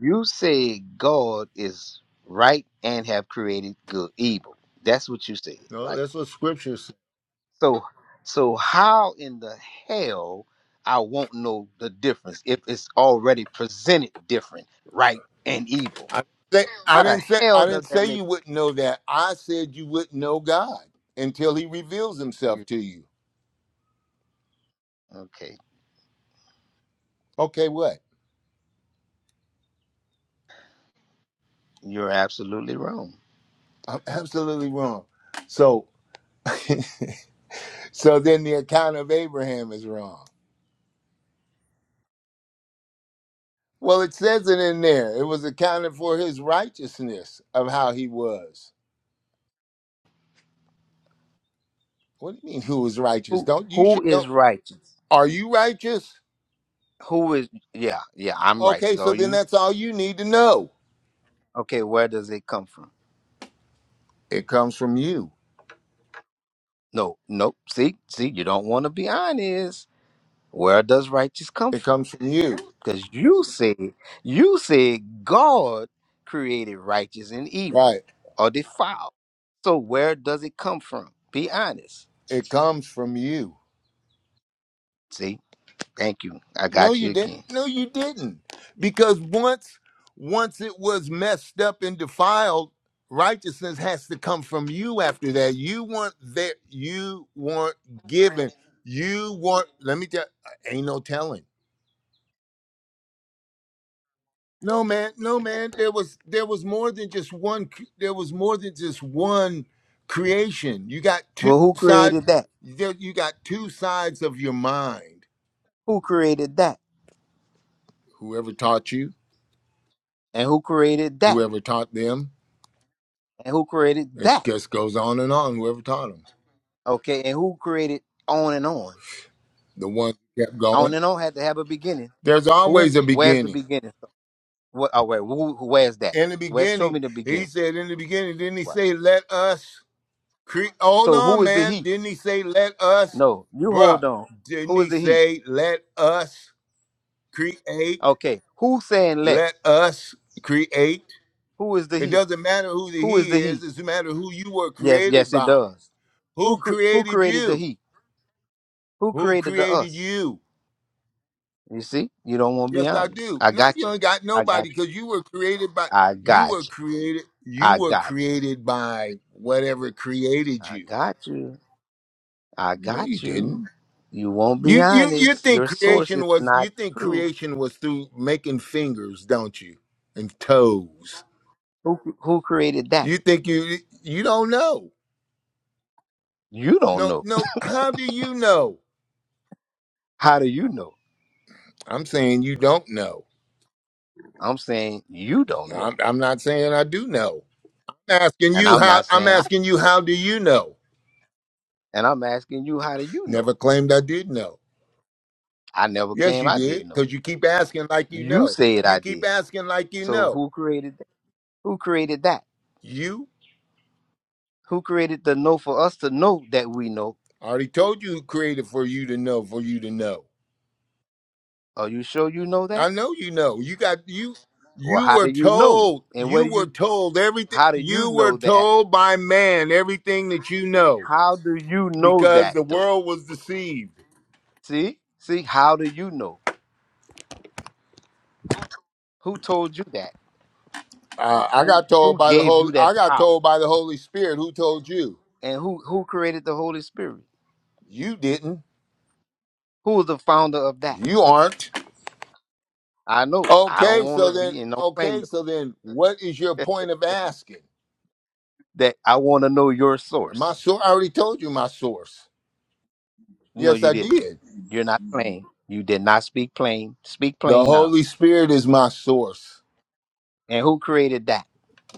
[SPEAKER 6] you say God is right and have created good evil. That's what you said,
[SPEAKER 3] no,
[SPEAKER 6] right?
[SPEAKER 3] that's what scripture says.
[SPEAKER 6] So so how in the hell I won't know the difference if it's already presented different, right and evil.
[SPEAKER 3] I say, I
[SPEAKER 6] How the
[SPEAKER 3] didn't say
[SPEAKER 6] hell
[SPEAKER 3] I
[SPEAKER 6] does
[SPEAKER 3] didn't
[SPEAKER 6] that
[SPEAKER 3] say
[SPEAKER 6] make
[SPEAKER 3] you wouldn't know that. I said you wouldn't know God until He reveals Himself
[SPEAKER 6] you
[SPEAKER 3] to you.
[SPEAKER 6] okay?
[SPEAKER 3] Okay, what?
[SPEAKER 6] You're absolutely wrong.
[SPEAKER 3] I'm absolutely wrong. So so then the account of Abraham is wrong Well, it says it in there. It was accounted for his righteousness of how he was. What do you mean who was righteous?
[SPEAKER 6] Who
[SPEAKER 3] Don't you
[SPEAKER 6] who
[SPEAKER 3] should know.
[SPEAKER 6] is righteous?
[SPEAKER 3] Are you righteous?
[SPEAKER 6] Who is yeah, yeah, I'm
[SPEAKER 3] Okay,
[SPEAKER 6] righteous.
[SPEAKER 3] so
[SPEAKER 6] Are
[SPEAKER 3] then
[SPEAKER 6] you?
[SPEAKER 3] that's all you need to know.
[SPEAKER 6] Okay, where does it come from?
[SPEAKER 3] It comes from you.
[SPEAKER 6] No, nope. See, see, you don't want to be honest. Where does righteous come
[SPEAKER 3] It
[SPEAKER 6] from?
[SPEAKER 3] comes from you.
[SPEAKER 6] Because you said you said God created righteous and evil
[SPEAKER 3] Right.
[SPEAKER 6] or defiled. So where does it come from? Be honest.
[SPEAKER 3] It comes from you.
[SPEAKER 6] See, thank you. I
[SPEAKER 3] No,
[SPEAKER 6] got
[SPEAKER 3] you
[SPEAKER 6] you
[SPEAKER 3] didn't.
[SPEAKER 6] again.
[SPEAKER 3] No, you didn't. Because once once it was messed up and defiled, righteousness has to come from you after that. You weren't there. You weren't given. You weren't let me tell ain't no telling. No man, no man. There was there was more than just one cr- there was more than just one creation. You got two
[SPEAKER 6] Well, who
[SPEAKER 3] sides
[SPEAKER 6] created that?
[SPEAKER 3] there you got two sides of your mind.
[SPEAKER 6] Who created that?
[SPEAKER 3] Whoever taught you,
[SPEAKER 6] And who created that?
[SPEAKER 3] whoever taught them,
[SPEAKER 6] And who created
[SPEAKER 3] It
[SPEAKER 6] that?
[SPEAKER 3] just goes on and on, whoever taught them.
[SPEAKER 6] Okay, and who created on and on?
[SPEAKER 3] The one who kept
[SPEAKER 6] On
[SPEAKER 3] going.
[SPEAKER 6] and on had to have a beginning.
[SPEAKER 3] There's always
[SPEAKER 6] Who?
[SPEAKER 3] a
[SPEAKER 6] Where's the
[SPEAKER 3] beginning.
[SPEAKER 6] beginning? What? Oh, wait. Who, who- where's that?
[SPEAKER 3] In the
[SPEAKER 6] Where? Show
[SPEAKER 3] beginning,
[SPEAKER 6] me the beginning.
[SPEAKER 3] he said, in the beginning, didn't he
[SPEAKER 6] What?
[SPEAKER 3] say, let us create? Hold
[SPEAKER 6] So who
[SPEAKER 3] on,
[SPEAKER 6] is the
[SPEAKER 3] man.
[SPEAKER 6] he?
[SPEAKER 3] Didn't he say, let us,
[SPEAKER 6] No, you
[SPEAKER 3] bruh?
[SPEAKER 6] hold on.
[SPEAKER 3] Didn't
[SPEAKER 6] Who is
[SPEAKER 3] he
[SPEAKER 6] the he?
[SPEAKER 3] say, let us create?
[SPEAKER 6] Okay. Who saying let?
[SPEAKER 3] Let us create?
[SPEAKER 6] Who is the
[SPEAKER 3] It
[SPEAKER 6] he?
[SPEAKER 3] doesn't matter who the
[SPEAKER 6] Who is
[SPEAKER 3] he
[SPEAKER 6] the
[SPEAKER 3] is,
[SPEAKER 6] he?
[SPEAKER 3] it doesn't matter who you were
[SPEAKER 6] Yes,
[SPEAKER 3] created
[SPEAKER 6] yes, it
[SPEAKER 3] by.
[SPEAKER 6] does. Who
[SPEAKER 3] Who
[SPEAKER 6] cr- who
[SPEAKER 3] created
[SPEAKER 6] created the
[SPEAKER 3] you?
[SPEAKER 6] he? Who
[SPEAKER 3] Who
[SPEAKER 6] created the
[SPEAKER 3] created
[SPEAKER 6] us?
[SPEAKER 3] you?
[SPEAKER 6] You see, you don't want to be
[SPEAKER 3] Yes, I
[SPEAKER 6] honest.
[SPEAKER 3] do.
[SPEAKER 6] I
[SPEAKER 3] No,
[SPEAKER 6] got
[SPEAKER 3] you
[SPEAKER 6] you.
[SPEAKER 3] ain't got
[SPEAKER 6] I got
[SPEAKER 3] nobody
[SPEAKER 6] you.
[SPEAKER 3] because you were created by
[SPEAKER 6] I
[SPEAKER 3] you were
[SPEAKER 6] got you.
[SPEAKER 3] created you
[SPEAKER 6] I
[SPEAKER 3] were
[SPEAKER 6] got you.
[SPEAKER 3] created by whatever created
[SPEAKER 6] I
[SPEAKER 3] you.
[SPEAKER 6] got you. I
[SPEAKER 3] No, you
[SPEAKER 6] got you.
[SPEAKER 3] didn't.
[SPEAKER 6] You won't be
[SPEAKER 3] You you you
[SPEAKER 6] honest.
[SPEAKER 3] think
[SPEAKER 6] Your source
[SPEAKER 3] creation
[SPEAKER 6] is
[SPEAKER 3] was you
[SPEAKER 6] not
[SPEAKER 3] think
[SPEAKER 6] true.
[SPEAKER 3] creation was through making fingers, don't you? And toes.
[SPEAKER 6] Who who created that?
[SPEAKER 3] You think you you don't know.
[SPEAKER 6] You don't
[SPEAKER 3] No,
[SPEAKER 6] know.
[SPEAKER 3] no, how do you know?
[SPEAKER 6] How do you know?
[SPEAKER 3] I'm saying you don't know.
[SPEAKER 6] I'm saying you don't
[SPEAKER 3] I'm
[SPEAKER 6] know.
[SPEAKER 3] I'm not saying I do know. I'm asking
[SPEAKER 6] And
[SPEAKER 3] you
[SPEAKER 6] I'm
[SPEAKER 3] how
[SPEAKER 6] not
[SPEAKER 3] I'm
[SPEAKER 6] saying I
[SPEAKER 3] asking you
[SPEAKER 6] know.
[SPEAKER 3] how do you know?
[SPEAKER 6] And I'm asking you, how do you know?
[SPEAKER 3] Never claimed I did know.
[SPEAKER 6] I never
[SPEAKER 3] Yes,
[SPEAKER 6] claimed
[SPEAKER 3] you
[SPEAKER 6] I
[SPEAKER 3] did,
[SPEAKER 6] didn't know.
[SPEAKER 3] because you keep asking like you
[SPEAKER 6] You
[SPEAKER 3] know.
[SPEAKER 6] said
[SPEAKER 3] You
[SPEAKER 6] I
[SPEAKER 3] keep
[SPEAKER 6] did.
[SPEAKER 3] asking like you
[SPEAKER 6] So
[SPEAKER 3] know.
[SPEAKER 6] who created that? Who created that?
[SPEAKER 3] You
[SPEAKER 6] Who created the know for us to know that we know?
[SPEAKER 3] I already told you who created for you to know, for you to know.
[SPEAKER 6] Are you sure you know that?
[SPEAKER 3] I know you know. You got you
[SPEAKER 6] Well,
[SPEAKER 3] you
[SPEAKER 6] how
[SPEAKER 3] were
[SPEAKER 6] do you know?
[SPEAKER 3] told
[SPEAKER 6] And what
[SPEAKER 3] you
[SPEAKER 6] do you
[SPEAKER 3] were told everything
[SPEAKER 6] how do you
[SPEAKER 3] you were
[SPEAKER 6] know that?
[SPEAKER 3] told by man everything that you know
[SPEAKER 6] How do you know
[SPEAKER 3] because
[SPEAKER 6] that
[SPEAKER 3] the
[SPEAKER 6] though?
[SPEAKER 3] world was deceived.
[SPEAKER 6] See? See, how do you know? Who told you that?
[SPEAKER 3] Uh, I got told
[SPEAKER 6] Who
[SPEAKER 3] by the
[SPEAKER 6] gave
[SPEAKER 3] Holy
[SPEAKER 6] you that
[SPEAKER 3] I got
[SPEAKER 6] power?
[SPEAKER 3] told by the Holy Spirit who told you.
[SPEAKER 6] And who who created the Holy Spirit?
[SPEAKER 3] You didn't.
[SPEAKER 6] Who was the founder of that?
[SPEAKER 3] You aren't.
[SPEAKER 6] I know. I
[SPEAKER 3] Okay,
[SPEAKER 6] don't want to
[SPEAKER 3] so then,
[SPEAKER 6] be and don't claim
[SPEAKER 3] okay,
[SPEAKER 6] to-
[SPEAKER 3] so then, what is your point of asking?
[SPEAKER 6] that. I want to know your
[SPEAKER 3] My
[SPEAKER 6] source.
[SPEAKER 3] source, I already told you my source.
[SPEAKER 6] No,
[SPEAKER 3] Yes,
[SPEAKER 6] you
[SPEAKER 3] I
[SPEAKER 6] didn't.
[SPEAKER 3] did.
[SPEAKER 6] You're not plain. You did not speak plain. Speak
[SPEAKER 3] The
[SPEAKER 6] plain now.
[SPEAKER 3] Holy Spirit is my source.
[SPEAKER 6] And who created that?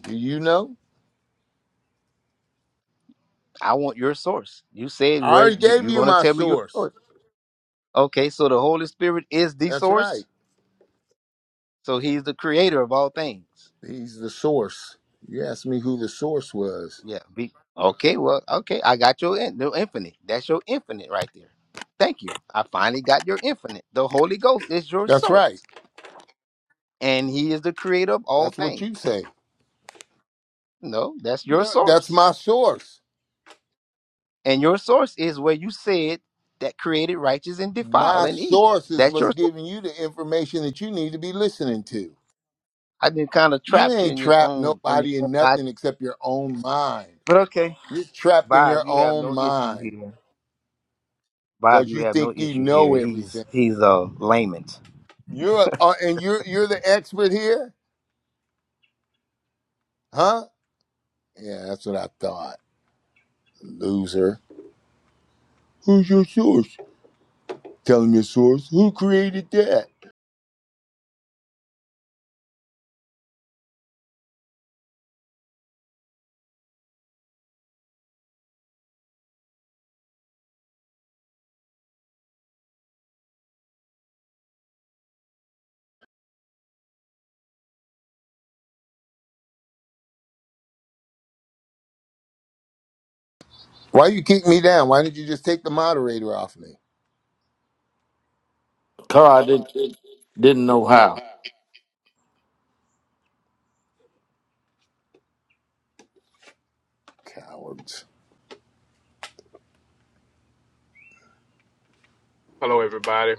[SPEAKER 3] Do you know?
[SPEAKER 6] I want your source. You said
[SPEAKER 3] I
[SPEAKER 6] where
[SPEAKER 3] already
[SPEAKER 6] you,
[SPEAKER 3] gave
[SPEAKER 6] you're
[SPEAKER 3] you
[SPEAKER 6] going to
[SPEAKER 3] my
[SPEAKER 6] tell me your
[SPEAKER 3] source.
[SPEAKER 6] source. Okay, so the Holy Spirit is the
[SPEAKER 3] That's
[SPEAKER 6] source.
[SPEAKER 3] right.
[SPEAKER 6] So he's the creator of all things.
[SPEAKER 3] He's the source. You asked me who the source was.
[SPEAKER 6] Yeah. Be, okay, well, okay. I got your, in, your infinite. That's your infinite right there. Thank you. I finally got your infinite. The Holy Ghost is your
[SPEAKER 3] That's right.
[SPEAKER 6] source, and he is the creator of all
[SPEAKER 3] That's what you
[SPEAKER 6] things.
[SPEAKER 3] say.
[SPEAKER 6] No, that's your
[SPEAKER 3] No, that's
[SPEAKER 6] source.
[SPEAKER 3] my source.
[SPEAKER 6] And your source is where you said that created righteous and defile
[SPEAKER 3] My
[SPEAKER 6] and evil.
[SPEAKER 3] source is
[SPEAKER 6] That's
[SPEAKER 3] what's
[SPEAKER 6] your source.
[SPEAKER 3] giving you the information that you need to be listening to.
[SPEAKER 6] I didn't kind of
[SPEAKER 3] You
[SPEAKER 6] trap you
[SPEAKER 3] ain't
[SPEAKER 6] in your
[SPEAKER 3] trapped
[SPEAKER 6] own on your
[SPEAKER 3] nobody
[SPEAKER 6] own
[SPEAKER 3] in
[SPEAKER 6] logic.
[SPEAKER 3] nothing except your own mind.
[SPEAKER 6] But okay.
[SPEAKER 3] You're trapped in your
[SPEAKER 6] Bob, you have
[SPEAKER 3] own
[SPEAKER 6] no issue
[SPEAKER 3] mind
[SPEAKER 6] here. Bob,
[SPEAKER 3] because
[SPEAKER 6] you
[SPEAKER 3] you
[SPEAKER 6] have no
[SPEAKER 3] think you
[SPEAKER 6] issue here.
[SPEAKER 3] know
[SPEAKER 6] He's
[SPEAKER 3] everything.
[SPEAKER 6] he's a layman.
[SPEAKER 3] You're uh, and you're you're the expert here, huh? Yeah, that's what I thought. Loser. Who's your source? Tell him your source. Who created that? Why you kick me down? Why didn't you just take the moderator off me?
[SPEAKER 1] Car, I did, didn't know how.
[SPEAKER 3] Cowards.
[SPEAKER 7] Hello, everybody.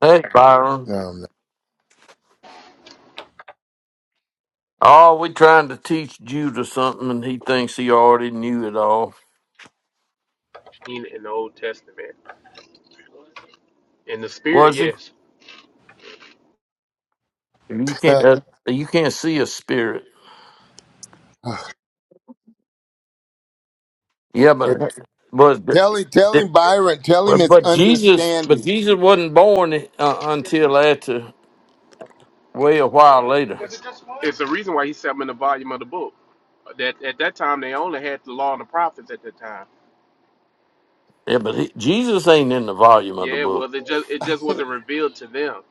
[SPEAKER 1] Hey, Byron.
[SPEAKER 3] No, I'm
[SPEAKER 1] Oh, we trying to teach Judah something, and he thinks he already knew it all.
[SPEAKER 7] In the Old Testament, in the Spirit,
[SPEAKER 1] Was he?
[SPEAKER 7] yes.
[SPEAKER 1] You can't. Uh,
[SPEAKER 3] not.
[SPEAKER 1] you can't see a spirit. Yeah,
[SPEAKER 3] If-
[SPEAKER 1] but was but
[SPEAKER 3] tell him, tell him, Byron. Tell him it's
[SPEAKER 1] but Jesus, but
[SPEAKER 3] understanding.
[SPEAKER 1] Jesus wasn't born uh, until after way a while
[SPEAKER 7] Well,
[SPEAKER 1] later.
[SPEAKER 7] it's, it's the reason why he said them in the volume of the book. That at that time they only had the law and the prophets at that time.
[SPEAKER 1] Yeah, but he, Jesus ain't in the volume of the
[SPEAKER 7] Yeah,
[SPEAKER 1] book.
[SPEAKER 7] well, it just it just wasn't revealed to them.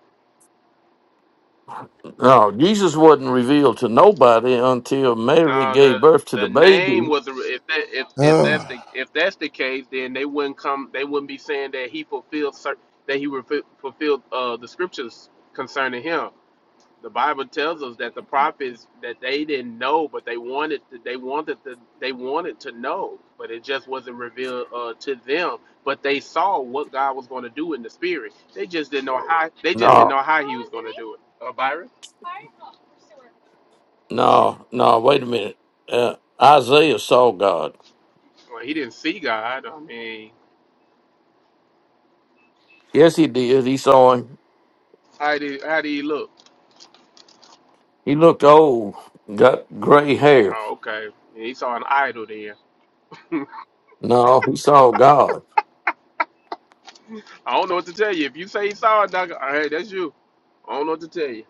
[SPEAKER 1] No, Jesus wasn't revealed to nobody until Mary
[SPEAKER 7] Now the
[SPEAKER 1] gave birth to the
[SPEAKER 7] the name
[SPEAKER 1] baby.
[SPEAKER 7] was if that if, if that's the if that's the case, then they wouldn't come. They wouldn't be saying that he fulfilled cer- that he refi- fulfilled uh, the scriptures concerning him. The Bible tells us that the prophets that they didn't know, but they wanted to, they wanted to, they wanted to know, but it just wasn't revealed uh, to them. But they saw what God was going to do in the spirit. They just didn't know how. They just didn't
[SPEAKER 1] No,
[SPEAKER 7] know how He was going to do it. Uh, Byron,
[SPEAKER 1] no, no. Wait a minute. Uh, Isaiah saw God.
[SPEAKER 7] well, he didn't see God. I mean,
[SPEAKER 1] Yes, he did. He saw him.
[SPEAKER 7] how did how did he look?
[SPEAKER 1] He looked old, got gray hair.
[SPEAKER 7] Oh, okay. He saw an idol There,
[SPEAKER 1] No, he saw God.
[SPEAKER 7] I don't know what to tell you. If you say he saw it, dog, hey, that's you. I don't know what to tell you.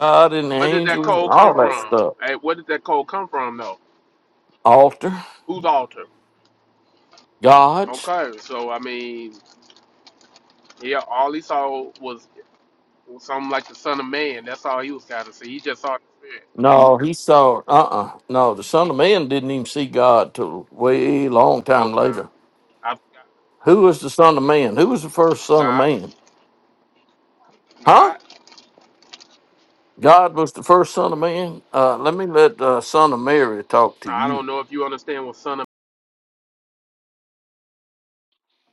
[SPEAKER 1] God and the
[SPEAKER 7] Where did that
[SPEAKER 1] angels and
[SPEAKER 7] coal come
[SPEAKER 1] all that
[SPEAKER 7] from?
[SPEAKER 1] stuff.
[SPEAKER 7] Hey, where did that coal come from, though?
[SPEAKER 1] Altar,
[SPEAKER 7] Whose altar?
[SPEAKER 1] gods.
[SPEAKER 7] Okay, so I mean, yeah, all he saw was something like the Son of Man. That's all he was trying to see. He just saw the Spirit.
[SPEAKER 1] No, he saw, uh uh No, the Son of Man didn't even see God till way long time
[SPEAKER 7] Okay,
[SPEAKER 1] later.
[SPEAKER 7] I,
[SPEAKER 1] Who was the Son of Man? Who was the first Son of
[SPEAKER 7] God,
[SPEAKER 1] Man? Huh?
[SPEAKER 7] God.
[SPEAKER 1] God was the first Son of Man? Uh, let me let uh, Son of Mary talk to
[SPEAKER 7] I
[SPEAKER 1] you.
[SPEAKER 7] don't know if you understand what Son of.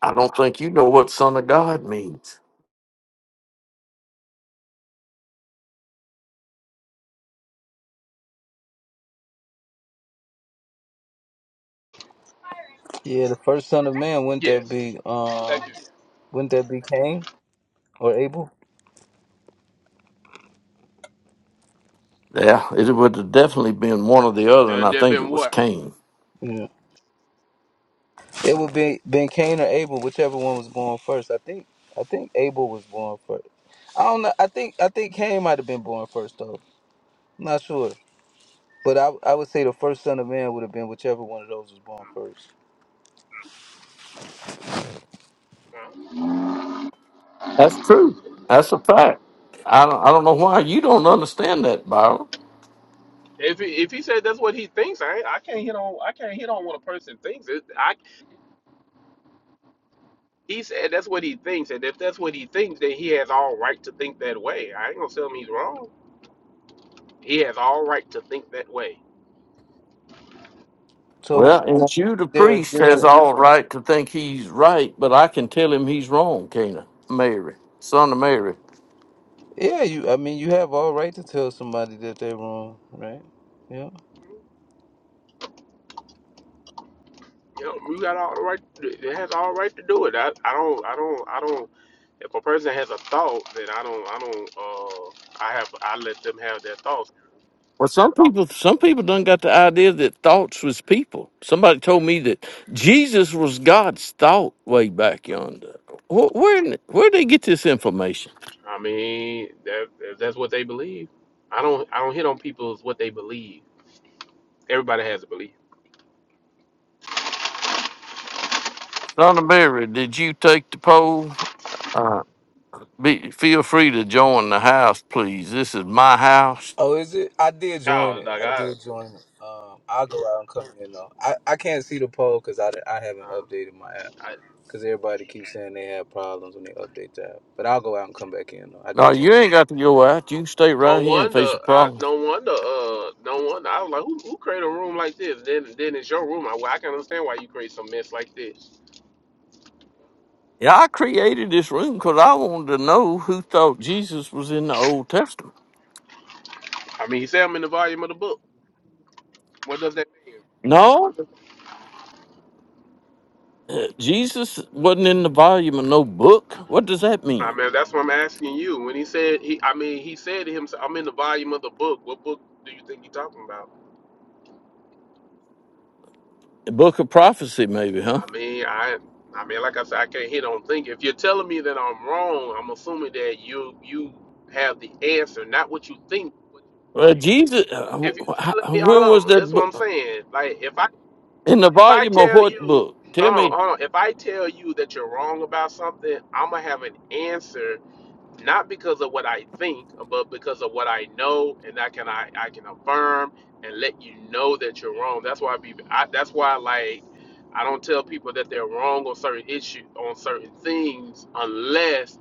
[SPEAKER 1] I don't think you know what Son of God means.
[SPEAKER 8] Yeah, the first son of man wouldn't that
[SPEAKER 7] Yes,
[SPEAKER 8] be um
[SPEAKER 7] thank you.
[SPEAKER 8] wouldn't that be Cain or Abel?
[SPEAKER 1] Yeah, it would have definitely been one or the other,
[SPEAKER 7] Now
[SPEAKER 1] and I
[SPEAKER 7] there
[SPEAKER 1] think
[SPEAKER 7] been
[SPEAKER 1] it was
[SPEAKER 7] what?
[SPEAKER 1] Cain.
[SPEAKER 8] Yeah. It would be been Cain or Abel, whichever one was born first. I think I think Abel was born first. I don't know. I think I think Cain might have been born first though. I'm not sure. But I I would say the first son of man would have been whichever one of those was born first.
[SPEAKER 1] That's true. That's a fact. I don't, I don't know why you don't understand that, Byron.
[SPEAKER 7] If he, if he said that's what he thinks, I ain't- I can't hit on I can't hit on what a person thinks. It, I he said that's what he thinks, and if that's what he thinks, then he has all right to think that way. I ain't gonna tell him he's wrong. He has all right to think that way.
[SPEAKER 8] So who
[SPEAKER 1] Well, and you, the
[SPEAKER 8] they're
[SPEAKER 1] priest, has
[SPEAKER 8] different.
[SPEAKER 1] all right to think he's right, but I can tell him he's wrong, Cana, Mary, son of Mary.
[SPEAKER 8] Yeah, you I mean you have all right to tell somebody that they're wrong, right? Yeah.
[SPEAKER 7] You know, you got all the right. It has all right to do it. I, I don't. I don't. I don't. If a person has a thought, then I don't. I don't. Uh, I have. I let them have their thoughts.
[SPEAKER 1] Well, some people, some people done got the idea that thoughts was people. Somebody told me that Jesus was God's thought way back yonder. Wh- Where, in- where they get this information?
[SPEAKER 7] I mean, that if that's what they believe. I don't. I don't hit on people's what they believe. Everybody has a belief.
[SPEAKER 1] Son of Mary, did you take the poll? Uh, be, feel free to join the house, please. This is my house.
[SPEAKER 8] Oh, is it? I did join
[SPEAKER 7] Oh,
[SPEAKER 8] it.
[SPEAKER 7] like
[SPEAKER 8] I
[SPEAKER 7] I.
[SPEAKER 8] did join it. Um, I'll go out and come in though. I, I can't see the poll because I, I haven't
[SPEAKER 7] Uh,
[SPEAKER 8] updated my app
[SPEAKER 7] I
[SPEAKER 8] because everybody keeps saying they have problems when they update the app. But I'll go out and come back in though. I
[SPEAKER 1] No,
[SPEAKER 8] did
[SPEAKER 1] you
[SPEAKER 8] join it.
[SPEAKER 1] ain't got to go out. You
[SPEAKER 7] um,
[SPEAKER 1] can stay
[SPEAKER 7] no
[SPEAKER 1] right here and
[SPEAKER 7] wonder.
[SPEAKER 1] face the
[SPEAKER 7] I.
[SPEAKER 1] problem.
[SPEAKER 7] No wonder. Uh. No wonder. I was like, who, who created a room like this? Then, then it's your room. I, well, I can understand why you create some mess like this.
[SPEAKER 1] Yeah, I created this room because I wanted to know who thought Jesus was in the Old Testament.
[SPEAKER 7] I mean, he said I'm in the volume of the book. What does that mean?
[SPEAKER 1] No, uh, Jesus wasn't in the volume of no book. What does that
[SPEAKER 7] I
[SPEAKER 1] mean?
[SPEAKER 7] mean, that's what I'm asking you. When he said he, I mean, he said to himself, "I'm in the volume of the book. What book do you think you're talking about?"
[SPEAKER 1] The book of prophecy, maybe, huh?
[SPEAKER 7] I mean, I, I mean, like I said, I can't hit on thinking. If you're telling me that I'm wrong, I'm assuming that you you have the answer, not what you think.
[SPEAKER 1] Well, Jesus, uh, w-
[SPEAKER 7] If you're telling me,
[SPEAKER 1] when was
[SPEAKER 7] hold on,
[SPEAKER 1] that
[SPEAKER 7] that's what I'm
[SPEAKER 1] book?
[SPEAKER 7] saying. Like if I
[SPEAKER 1] In the
[SPEAKER 7] if I
[SPEAKER 1] volume of
[SPEAKER 7] tell
[SPEAKER 1] what
[SPEAKER 7] you,
[SPEAKER 1] book?
[SPEAKER 7] hold
[SPEAKER 1] Tell
[SPEAKER 7] on,
[SPEAKER 1] me,
[SPEAKER 7] hold on, if I tell you that you're wrong about something, I'm gonna have an answer not because of what I think, but because of what I know, and I can I, I can affirm and let you know that you're wrong. That's why I be I, that's why like I don't tell people that they're wrong on certain issues on certain things unless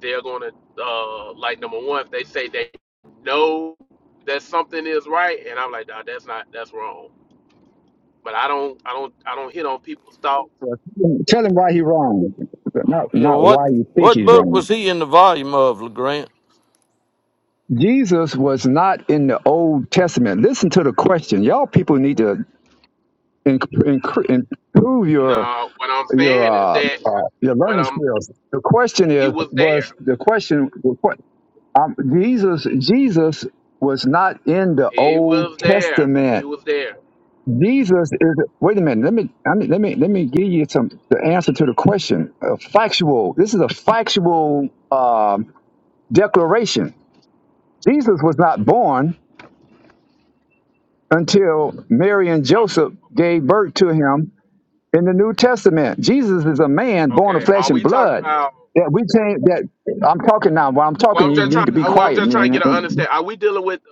[SPEAKER 7] they're gonna uh like number one if they say they know that something is right, and I'm like nah, that's not that's wrong. But I don't I don't I don't hit on people's thoughts.
[SPEAKER 9] Tell him why he's wrong, not
[SPEAKER 1] you know,
[SPEAKER 9] not
[SPEAKER 1] what
[SPEAKER 9] why you think
[SPEAKER 1] what
[SPEAKER 9] he's
[SPEAKER 1] book
[SPEAKER 9] wrong.
[SPEAKER 1] was he in the volume of, LeGrand?
[SPEAKER 9] Jesus was not in the Old Testament. Listen to the question. Y'all people need to in, in, improve your
[SPEAKER 7] No, what I'm
[SPEAKER 9] your
[SPEAKER 7] saying is
[SPEAKER 9] uh,
[SPEAKER 7] that
[SPEAKER 9] uh, your
[SPEAKER 7] what
[SPEAKER 9] learning
[SPEAKER 7] I'm
[SPEAKER 9] skills. The question
[SPEAKER 7] he
[SPEAKER 9] is
[SPEAKER 7] was there.
[SPEAKER 9] was the question the que- um, Jesus Jesus was not in the
[SPEAKER 7] He
[SPEAKER 9] Old
[SPEAKER 7] was there. He
[SPEAKER 9] Testament.
[SPEAKER 7] was there.
[SPEAKER 9] Jesus is wait a minute. Let me I mean, let me let me give you some the answer to the question. A factual. This is a factual. Um, declaration. Jesus was not born until Mary and
[SPEAKER 7] Are you
[SPEAKER 9] Joseph gave birth to him in the New Testament. Jesus is a man
[SPEAKER 7] okay?
[SPEAKER 9] born of
[SPEAKER 7] Okay,
[SPEAKER 9] flesh
[SPEAKER 7] Are
[SPEAKER 9] and
[SPEAKER 7] we talking
[SPEAKER 9] blood.
[SPEAKER 7] about?
[SPEAKER 9] That we can't. That I'm talking now. While I'm
[SPEAKER 7] Well,
[SPEAKER 9] talking,
[SPEAKER 7] I'm
[SPEAKER 9] you
[SPEAKER 7] just trying.
[SPEAKER 9] need to be
[SPEAKER 7] To, well, I'm
[SPEAKER 9] quiet.
[SPEAKER 7] just trying to
[SPEAKER 9] man.
[SPEAKER 7] get an
[SPEAKER 9] And-
[SPEAKER 7] understand. Are we dealing with the?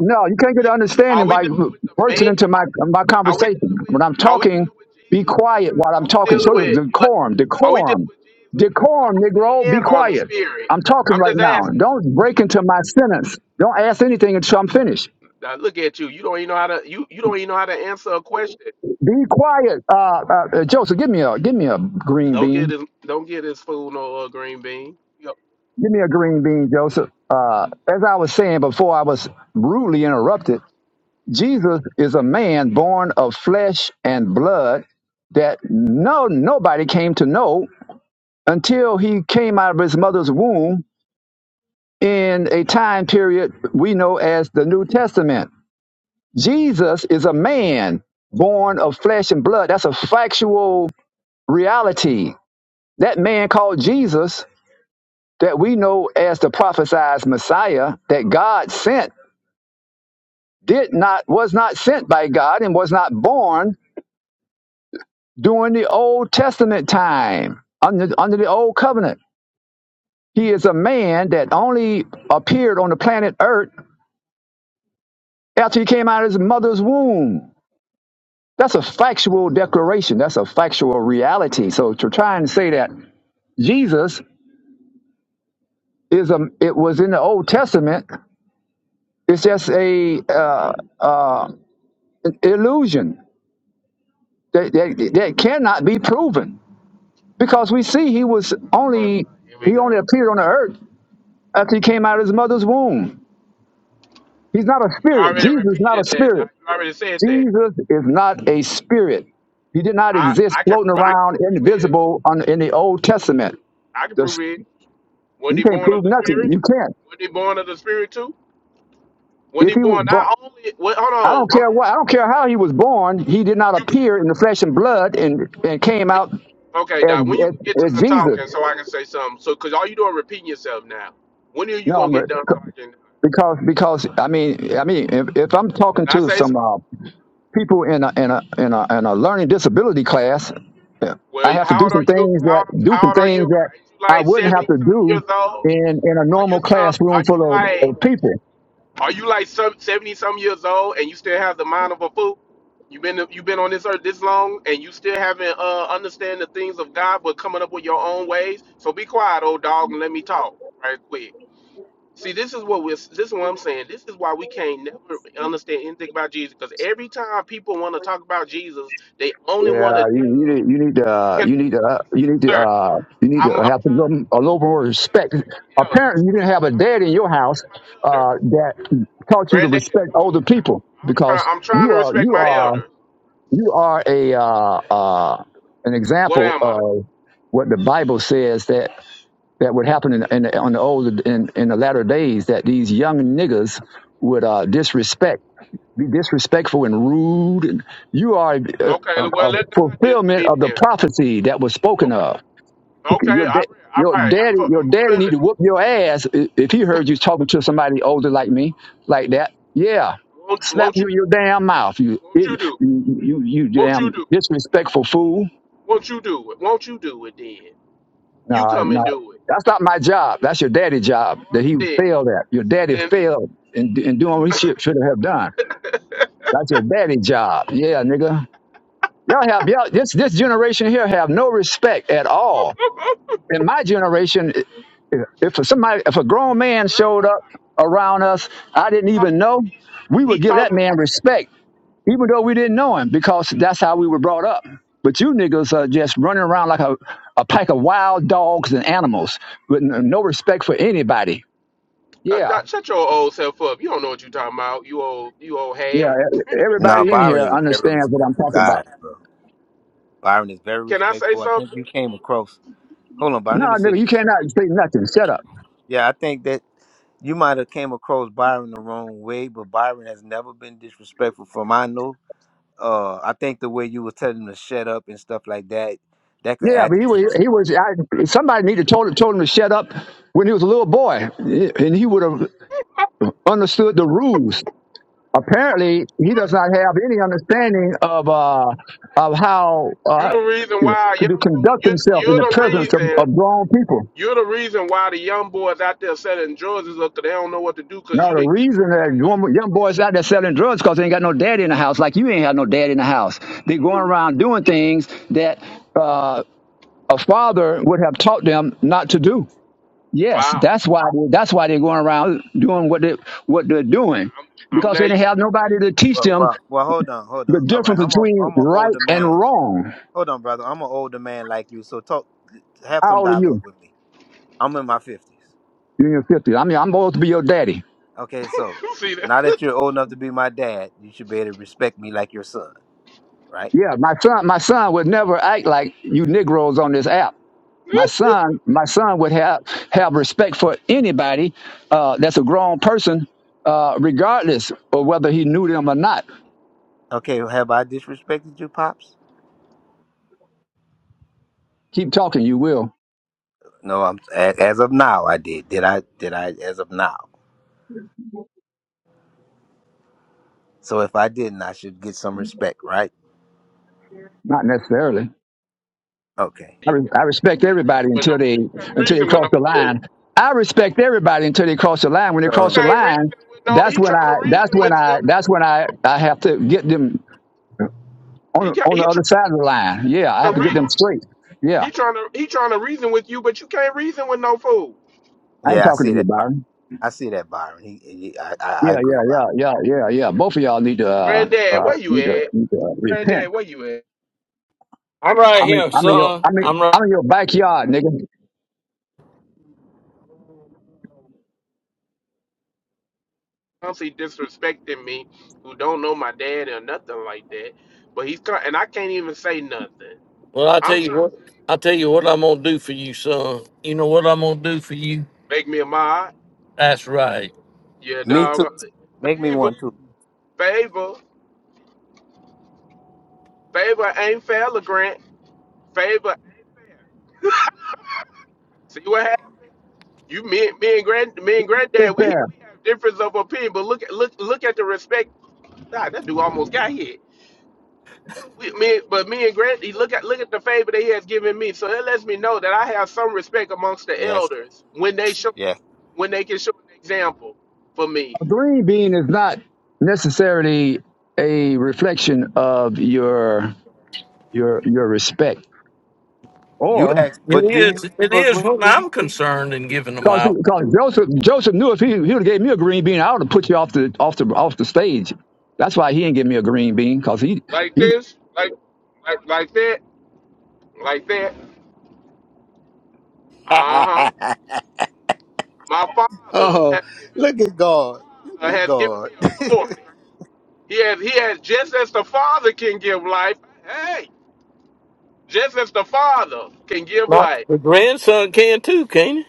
[SPEAKER 9] No, you
[SPEAKER 7] we-
[SPEAKER 9] can't get an
[SPEAKER 7] we- Are
[SPEAKER 9] understanding
[SPEAKER 7] we
[SPEAKER 9] by
[SPEAKER 7] dealing with the
[SPEAKER 9] bursting
[SPEAKER 7] man?
[SPEAKER 9] into my my
[SPEAKER 7] Are we
[SPEAKER 9] conversation.
[SPEAKER 7] dealing with?
[SPEAKER 9] When I'm
[SPEAKER 7] Are we
[SPEAKER 9] talking,
[SPEAKER 7] dealing with
[SPEAKER 9] be
[SPEAKER 7] Jesus
[SPEAKER 9] quiet
[SPEAKER 7] born?
[SPEAKER 9] while I'm
[SPEAKER 7] Are we
[SPEAKER 9] talking.
[SPEAKER 7] dealing
[SPEAKER 9] Show the
[SPEAKER 7] with? What?
[SPEAKER 9] decorum,
[SPEAKER 7] Are we dealing
[SPEAKER 9] decorum,
[SPEAKER 7] with Jesus born of
[SPEAKER 9] decorum,
[SPEAKER 7] a
[SPEAKER 9] Negro. Be
[SPEAKER 7] man or the
[SPEAKER 9] quiet.
[SPEAKER 7] spirit?
[SPEAKER 9] I'm talking
[SPEAKER 7] I'm
[SPEAKER 9] right
[SPEAKER 7] just
[SPEAKER 9] now.
[SPEAKER 7] asking.
[SPEAKER 9] Don't break into my sentence. Don't ask anything until I'm finished.
[SPEAKER 7] Now look at you. You don't even know how to. You you don't even know how to answer a question.
[SPEAKER 9] Be quiet. Uh, uh, uh, Joseph, give me a give me a green
[SPEAKER 7] Don't get
[SPEAKER 9] bean.
[SPEAKER 7] his. Don't get his food no uh, green bean. Yep.
[SPEAKER 9] Give me a green bean, Joseph. Uh, as I was saying before, I was rudely interrupted. Jesus is a man born of flesh and blood that no nobody came to know until he came out of his mother's womb in a time period we know as the New Testament. Jesus is a man born of flesh and blood. That's a factual reality. That man called Jesus that we know as the prophesied Messiah that God sent did not was not sent by God and was not born during the Old Testament time under under the old covenant. He is a man that only appeared on the planet Earth after he came out of his mother's womb. That's a factual declaration. That's a factual reality. So to try and say that Jesus is a it was in the Old Testament, it's just a uh, illusion That, that, that cannot be proven because we see he was
[SPEAKER 7] Uh,
[SPEAKER 9] only
[SPEAKER 7] here we
[SPEAKER 9] he only
[SPEAKER 7] go.
[SPEAKER 9] appeared on the earth after he came out of his mother's womb. He's not a
[SPEAKER 7] You
[SPEAKER 9] spirit.
[SPEAKER 7] already
[SPEAKER 9] Jesus is not a
[SPEAKER 7] repeated that. Doc.
[SPEAKER 9] spirit.
[SPEAKER 7] You already said that.
[SPEAKER 9] Jesus is not a spirit. He did not
[SPEAKER 7] I,
[SPEAKER 9] exist
[SPEAKER 7] I can
[SPEAKER 9] floating
[SPEAKER 7] prove I can
[SPEAKER 9] around
[SPEAKER 7] prove he is.
[SPEAKER 9] invisible on, in the Old Testament.
[SPEAKER 7] I can prove
[SPEAKER 9] The-
[SPEAKER 7] he is. Wasn't
[SPEAKER 9] you
[SPEAKER 7] he
[SPEAKER 9] can't
[SPEAKER 7] born of
[SPEAKER 9] prove
[SPEAKER 7] the
[SPEAKER 9] nothing.
[SPEAKER 7] spirit?
[SPEAKER 9] You can't.
[SPEAKER 7] Wasn't he born of the spirit too? Wasn't
[SPEAKER 9] If
[SPEAKER 7] he
[SPEAKER 9] he was
[SPEAKER 7] born
[SPEAKER 9] born,
[SPEAKER 7] not only wait, hold
[SPEAKER 9] I
[SPEAKER 7] on,
[SPEAKER 9] don't
[SPEAKER 7] I'm
[SPEAKER 9] care
[SPEAKER 7] asking
[SPEAKER 9] what. I
[SPEAKER 7] a
[SPEAKER 9] don't
[SPEAKER 7] key
[SPEAKER 9] care how he was
[SPEAKER 7] question.
[SPEAKER 9] born. He did not
[SPEAKER 7] You bet
[SPEAKER 9] appear in the
[SPEAKER 7] not
[SPEAKER 9] flesh
[SPEAKER 7] if
[SPEAKER 9] and blood and, and
[SPEAKER 7] you didn't
[SPEAKER 9] came
[SPEAKER 7] are
[SPEAKER 9] out
[SPEAKER 7] you, Okay,
[SPEAKER 9] as,
[SPEAKER 7] Doc, when you
[SPEAKER 9] as,
[SPEAKER 7] get
[SPEAKER 9] as
[SPEAKER 7] done
[SPEAKER 9] Jesus.
[SPEAKER 7] talking so I can say something. So cause all you doing is repeating yourself now. When are you
[SPEAKER 9] No,
[SPEAKER 7] gonna
[SPEAKER 9] I'm
[SPEAKER 7] get
[SPEAKER 9] ready.
[SPEAKER 7] done talking?
[SPEAKER 9] because because I mean I mean if, if I'm talking
[SPEAKER 7] can I
[SPEAKER 9] to
[SPEAKER 7] say something?
[SPEAKER 9] some uh, people in a in a in a in a learning disability class, yeah,
[SPEAKER 7] Well,
[SPEAKER 9] I have to
[SPEAKER 7] how
[SPEAKER 9] do
[SPEAKER 7] old
[SPEAKER 9] some
[SPEAKER 7] are you?
[SPEAKER 9] things
[SPEAKER 7] How
[SPEAKER 9] that do
[SPEAKER 7] how
[SPEAKER 9] some
[SPEAKER 7] old are you?
[SPEAKER 9] things that
[SPEAKER 7] Are you
[SPEAKER 9] I
[SPEAKER 7] like
[SPEAKER 9] wouldn't have
[SPEAKER 7] seventy
[SPEAKER 9] to
[SPEAKER 7] something
[SPEAKER 9] do
[SPEAKER 7] years old?
[SPEAKER 9] in in a
[SPEAKER 7] Are you
[SPEAKER 9] normal
[SPEAKER 7] some? Are
[SPEAKER 9] classroom
[SPEAKER 7] you
[SPEAKER 9] full of,
[SPEAKER 7] like?
[SPEAKER 9] of people.
[SPEAKER 7] Are you like some seventy some years old and you still have the mind of a fool? You have been you have been on this earth this long and you still haven't uh understand the things of God, but coming up with your own ways. So be quiet, old dog, and let me talk right quick. See, this is what we're this is what I'm saying. This is why we can't never understand anything about Jesus because every time people want to talk about Jesus, they only want to
[SPEAKER 9] Yeah, you you need
[SPEAKER 7] deal.
[SPEAKER 9] you need to uh,
[SPEAKER 7] Can
[SPEAKER 9] you
[SPEAKER 7] I
[SPEAKER 9] need to
[SPEAKER 7] get
[SPEAKER 9] uh,
[SPEAKER 7] done, sir?
[SPEAKER 9] you need
[SPEAKER 7] Yes,
[SPEAKER 9] to
[SPEAKER 7] Sir, Yes, sir,
[SPEAKER 9] uh, you need
[SPEAKER 7] I'm,
[SPEAKER 9] to
[SPEAKER 7] I'm
[SPEAKER 9] have a
[SPEAKER 7] trying to
[SPEAKER 9] little, a little more
[SPEAKER 7] I'm trying to
[SPEAKER 9] respect.
[SPEAKER 7] respect my elders.
[SPEAKER 9] Apparently, you didn't have a
[SPEAKER 7] I'm, I'm
[SPEAKER 9] dad in
[SPEAKER 7] trying to
[SPEAKER 9] your
[SPEAKER 7] respect
[SPEAKER 9] house
[SPEAKER 7] my elders.
[SPEAKER 9] uh, that taught you to
[SPEAKER 7] Granddaddy,
[SPEAKER 9] respect
[SPEAKER 7] come on
[SPEAKER 9] older people
[SPEAKER 7] now. I'm trying.
[SPEAKER 9] because
[SPEAKER 7] I'm trying
[SPEAKER 9] you
[SPEAKER 7] to
[SPEAKER 9] are
[SPEAKER 7] respect
[SPEAKER 9] you
[SPEAKER 7] my
[SPEAKER 9] are
[SPEAKER 7] elders.
[SPEAKER 9] you are a uh, uh, an
[SPEAKER 7] What
[SPEAKER 9] example
[SPEAKER 7] am I?
[SPEAKER 9] of what the Bible says that that would happen in, in on the old in, in the latter days that these young niggas would uh, disrespect be disrespectful and rude and you are a,
[SPEAKER 7] Okay.
[SPEAKER 9] a,
[SPEAKER 7] Well,
[SPEAKER 9] a
[SPEAKER 7] let God deal with
[SPEAKER 9] fulfillment
[SPEAKER 7] me
[SPEAKER 9] of the
[SPEAKER 7] then.
[SPEAKER 9] prophecy that was spoken of
[SPEAKER 7] Okay. Okay. All
[SPEAKER 9] your
[SPEAKER 7] right.
[SPEAKER 9] da-
[SPEAKER 7] All
[SPEAKER 9] your
[SPEAKER 7] right. I
[SPEAKER 9] daddy,
[SPEAKER 7] fe-
[SPEAKER 9] your
[SPEAKER 7] I'm
[SPEAKER 9] daddy
[SPEAKER 7] feeling
[SPEAKER 9] need
[SPEAKER 7] it.
[SPEAKER 9] to whoop your ass i- if he heard you talking to somebody older like me, like that. Yeah,
[SPEAKER 7] Won't,
[SPEAKER 9] slap
[SPEAKER 7] won't you?
[SPEAKER 9] you in your damn mouth, you
[SPEAKER 7] Won't
[SPEAKER 9] you
[SPEAKER 7] you do it?
[SPEAKER 9] you, you
[SPEAKER 7] Won't you
[SPEAKER 9] damn
[SPEAKER 7] do? It?
[SPEAKER 9] disrespectful fool.
[SPEAKER 7] Won't you do it? Won't you do it then? You
[SPEAKER 9] No,
[SPEAKER 7] come and
[SPEAKER 9] no,
[SPEAKER 7] do it.
[SPEAKER 9] that's not my job. That's your daddy's job
[SPEAKER 7] All
[SPEAKER 9] that
[SPEAKER 7] right
[SPEAKER 9] he
[SPEAKER 7] then.
[SPEAKER 9] failed at. Your daddy
[SPEAKER 7] Then.
[SPEAKER 9] failed in, in doing what he should, should have done.
[SPEAKER 7] grandpa,
[SPEAKER 9] That's your daddy's job. Yeah, nigga. Y'all have y'all this this generation here have no respect at all in my generation, if somebody, if a grown man showed up around us,
[SPEAKER 7] grandpa, can
[SPEAKER 9] I didn't
[SPEAKER 7] I talk?
[SPEAKER 9] even know,
[SPEAKER 7] He,
[SPEAKER 9] we
[SPEAKER 7] he
[SPEAKER 9] would give that
[SPEAKER 7] talking.
[SPEAKER 9] man respect, even though we didn't know him, because that's how we were brought up. But you niggas are just running around like a, a pack of wild dogs and animals with n- no respect for anybody.
[SPEAKER 7] Uh,
[SPEAKER 9] Yeah,
[SPEAKER 7] Doc, shut your old self up. You don't know what you talking about. You old. You old
[SPEAKER 9] yeah.
[SPEAKER 7] hag.
[SPEAKER 9] e-
[SPEAKER 6] No,
[SPEAKER 9] Everybody
[SPEAKER 7] Can
[SPEAKER 9] in
[SPEAKER 7] I
[SPEAKER 6] Byron
[SPEAKER 9] here
[SPEAKER 6] is a
[SPEAKER 7] say
[SPEAKER 6] very
[SPEAKER 9] understands
[SPEAKER 7] something?
[SPEAKER 9] what I'm
[SPEAKER 6] respectful
[SPEAKER 9] talking about.
[SPEAKER 6] guy, bro. Byron is very
[SPEAKER 7] Can I say
[SPEAKER 6] respectful. I think
[SPEAKER 7] something?
[SPEAKER 6] you came across hold on, Byron,
[SPEAKER 9] No,
[SPEAKER 6] let me say
[SPEAKER 9] nigga, you
[SPEAKER 6] this.
[SPEAKER 9] cannot say nothing. Shut up.
[SPEAKER 6] Yeah, I think that you might have came across Byron the wrong way, but Byron has never been disrespectful from I know uh I think the way you was telling him to shut up and stuff like that, that could
[SPEAKER 9] Yeah, but he was.
[SPEAKER 6] agitate.
[SPEAKER 9] He was. I, somebody needed told told him to shut up when he was a little boy, and he would have. understood the rules. Apparently, he does not have any understanding of uh, of how
[SPEAKER 7] You
[SPEAKER 9] uh,
[SPEAKER 7] the reason why
[SPEAKER 9] could to
[SPEAKER 7] young folk,
[SPEAKER 9] conduct
[SPEAKER 7] you
[SPEAKER 9] himself in
[SPEAKER 7] you're
[SPEAKER 9] the
[SPEAKER 7] the
[SPEAKER 9] presence of,
[SPEAKER 7] reason
[SPEAKER 9] of grown people.
[SPEAKER 7] you're the reason why the young boys out there selling drugs is up 'cause they don't know what to do because
[SPEAKER 9] Now,
[SPEAKER 7] you
[SPEAKER 9] the
[SPEAKER 7] didn't give no
[SPEAKER 9] reason that
[SPEAKER 7] guidance.
[SPEAKER 9] young, young boys out there selling drugs because they ain't got no daddy in the house, like you ain't have no daddy in the house. They going
[SPEAKER 7] Hmm.
[SPEAKER 9] around doing things that uh, a father would have taught them not to do. Yes,
[SPEAKER 7] Wow,
[SPEAKER 9] that's why that's why they're going around doing what they what they're doing
[SPEAKER 7] I'm I'm
[SPEAKER 9] because they
[SPEAKER 7] glad you
[SPEAKER 9] didn't
[SPEAKER 7] ain't
[SPEAKER 9] have nobody to
[SPEAKER 7] my
[SPEAKER 9] teach
[SPEAKER 6] Well,
[SPEAKER 9] them
[SPEAKER 6] well, well, hold on, hold
[SPEAKER 9] The
[SPEAKER 6] on. All right,
[SPEAKER 9] difference
[SPEAKER 6] I'm a
[SPEAKER 9] between
[SPEAKER 6] I'm an
[SPEAKER 9] right
[SPEAKER 6] older
[SPEAKER 9] and
[SPEAKER 6] man.
[SPEAKER 9] wrong.
[SPEAKER 6] Hold on, brother. I'm an older man like you, so talk, have
[SPEAKER 9] How
[SPEAKER 6] some
[SPEAKER 9] old are
[SPEAKER 6] dialogue
[SPEAKER 9] you?
[SPEAKER 6] with me. I'm in my fifties.
[SPEAKER 9] You're in your fifties. I mean, I'm supposed to be your daddy.
[SPEAKER 6] Okay, so
[SPEAKER 7] daddy. See that?
[SPEAKER 6] now
[SPEAKER 7] you
[SPEAKER 6] that you're old enough to be my dad, you should be able to respect me like your son, right?
[SPEAKER 9] Yeah, my son. My son would never act like you Negroes on this app. My
[SPEAKER 7] can't-
[SPEAKER 9] son. My son would have have respect for anybody uh, that's a grown person, uh, regardless of whether he knew them or not.
[SPEAKER 6] Okay, have I disrespected you, pops?
[SPEAKER 9] Keep talking. You will.
[SPEAKER 6] No, I'm a- as of now I did. Did I? Did I? As of now. So if I didn't, I should get some respect, right?
[SPEAKER 9] Not necessarily.
[SPEAKER 6] Okay.
[SPEAKER 9] I,
[SPEAKER 7] you
[SPEAKER 9] re- I respect
[SPEAKER 7] can't
[SPEAKER 9] everybody
[SPEAKER 7] reason with no
[SPEAKER 9] until they
[SPEAKER 7] you can't
[SPEAKER 9] until they
[SPEAKER 7] reason with no
[SPEAKER 9] cross the
[SPEAKER 7] fool.
[SPEAKER 9] line. I respect everybody until they cross the line. When they
[SPEAKER 7] You
[SPEAKER 9] cross
[SPEAKER 6] So
[SPEAKER 9] the
[SPEAKER 7] can't reason
[SPEAKER 9] line,
[SPEAKER 7] with no.
[SPEAKER 9] that's
[SPEAKER 7] He
[SPEAKER 9] when
[SPEAKER 7] trying to
[SPEAKER 9] I that's
[SPEAKER 7] reason
[SPEAKER 9] when
[SPEAKER 7] with you.
[SPEAKER 9] I that's when I I have to get them
[SPEAKER 7] He
[SPEAKER 9] on
[SPEAKER 7] ca
[SPEAKER 9] on
[SPEAKER 7] he
[SPEAKER 9] the other
[SPEAKER 7] trying
[SPEAKER 9] side
[SPEAKER 7] to
[SPEAKER 9] of the line.
[SPEAKER 7] he
[SPEAKER 9] Yeah, I
[SPEAKER 7] trying
[SPEAKER 9] have
[SPEAKER 7] to
[SPEAKER 9] to
[SPEAKER 7] re,
[SPEAKER 9] get them straight. Yeah,
[SPEAKER 7] he trying to he trying to reason with you, but you can't reason with no fool.
[SPEAKER 9] I ain't
[SPEAKER 6] yeah, I
[SPEAKER 9] talking
[SPEAKER 6] see
[SPEAKER 9] to you,
[SPEAKER 6] that.
[SPEAKER 9] Byron.
[SPEAKER 6] I see that, Byron. He, he I, I, I
[SPEAKER 9] Yeah,
[SPEAKER 6] agree,
[SPEAKER 9] yeah,
[SPEAKER 6] Byron.
[SPEAKER 9] yeah, yeah, yeah, yeah. Both of y'all need to uh,
[SPEAKER 7] Granddad,
[SPEAKER 9] uh,
[SPEAKER 7] where you
[SPEAKER 9] need to
[SPEAKER 7] at?
[SPEAKER 9] need to uh, repent.
[SPEAKER 7] Granddad, where you at?
[SPEAKER 1] I'm
[SPEAKER 9] I
[SPEAKER 1] right
[SPEAKER 9] mean,
[SPEAKER 1] here,
[SPEAKER 9] I'm in i your
[SPEAKER 1] son.
[SPEAKER 9] I mean I'm in
[SPEAKER 1] I'm right.
[SPEAKER 9] I'm in your backyard, nigga.
[SPEAKER 7] Honestly, disrespecting me, who don't know my dad or nothing like that. But he's con- and I can't even say nothing.
[SPEAKER 1] Well, I tell
[SPEAKER 7] I'm
[SPEAKER 1] you
[SPEAKER 7] trying
[SPEAKER 1] what.
[SPEAKER 7] to
[SPEAKER 1] I tell you what I'm gonna do for you, son. You know what I'm gonna do for you?
[SPEAKER 7] make me a mod.
[SPEAKER 1] That's right.
[SPEAKER 7] Yeah,
[SPEAKER 6] Me
[SPEAKER 7] dog.
[SPEAKER 6] too. Make me
[SPEAKER 7] Favor,
[SPEAKER 6] one too.
[SPEAKER 7] favor, favor ain't fair, Grant. Favor. See what happened? You, me, me and grand, me and
[SPEAKER 9] Be
[SPEAKER 7] granddad, we
[SPEAKER 9] fair.
[SPEAKER 7] we have difference of opinion. But look at look look at the respect. Nah, that dude almost got hit. we, me, but me and Grant, he look at look at the favor that he has given me. So it lets me know that I have some respect amongst the
[SPEAKER 6] Yes, sir.
[SPEAKER 7] elders when they show
[SPEAKER 6] yes.
[SPEAKER 7] when they can show an example for me.
[SPEAKER 9] A green bean is not necessarily a reflection of your your your respect.
[SPEAKER 6] You
[SPEAKER 9] Or
[SPEAKER 6] asked, but didn't
[SPEAKER 1] It
[SPEAKER 6] you
[SPEAKER 1] is.
[SPEAKER 6] ask
[SPEAKER 1] It
[SPEAKER 6] for a
[SPEAKER 1] is
[SPEAKER 6] green
[SPEAKER 1] when
[SPEAKER 6] bean?
[SPEAKER 1] I'm concerned in giving them out.
[SPEAKER 9] because Joseph Joseph knew if he, he would have gave me a green bean, I would have put you off the off the off the stage. That's why he didn't give me a green bean because he
[SPEAKER 7] Like
[SPEAKER 9] he
[SPEAKER 7] this, like like like that, like that. Uh-huh. My father
[SPEAKER 6] oh,
[SPEAKER 7] has given
[SPEAKER 6] look at
[SPEAKER 7] my
[SPEAKER 6] God. Look
[SPEAKER 7] father
[SPEAKER 6] at
[SPEAKER 7] has given
[SPEAKER 6] God.
[SPEAKER 7] me authority. He has he has just as the father can give life, hey, just as the father can give
[SPEAKER 1] My
[SPEAKER 7] life,
[SPEAKER 1] the grandson can too, can not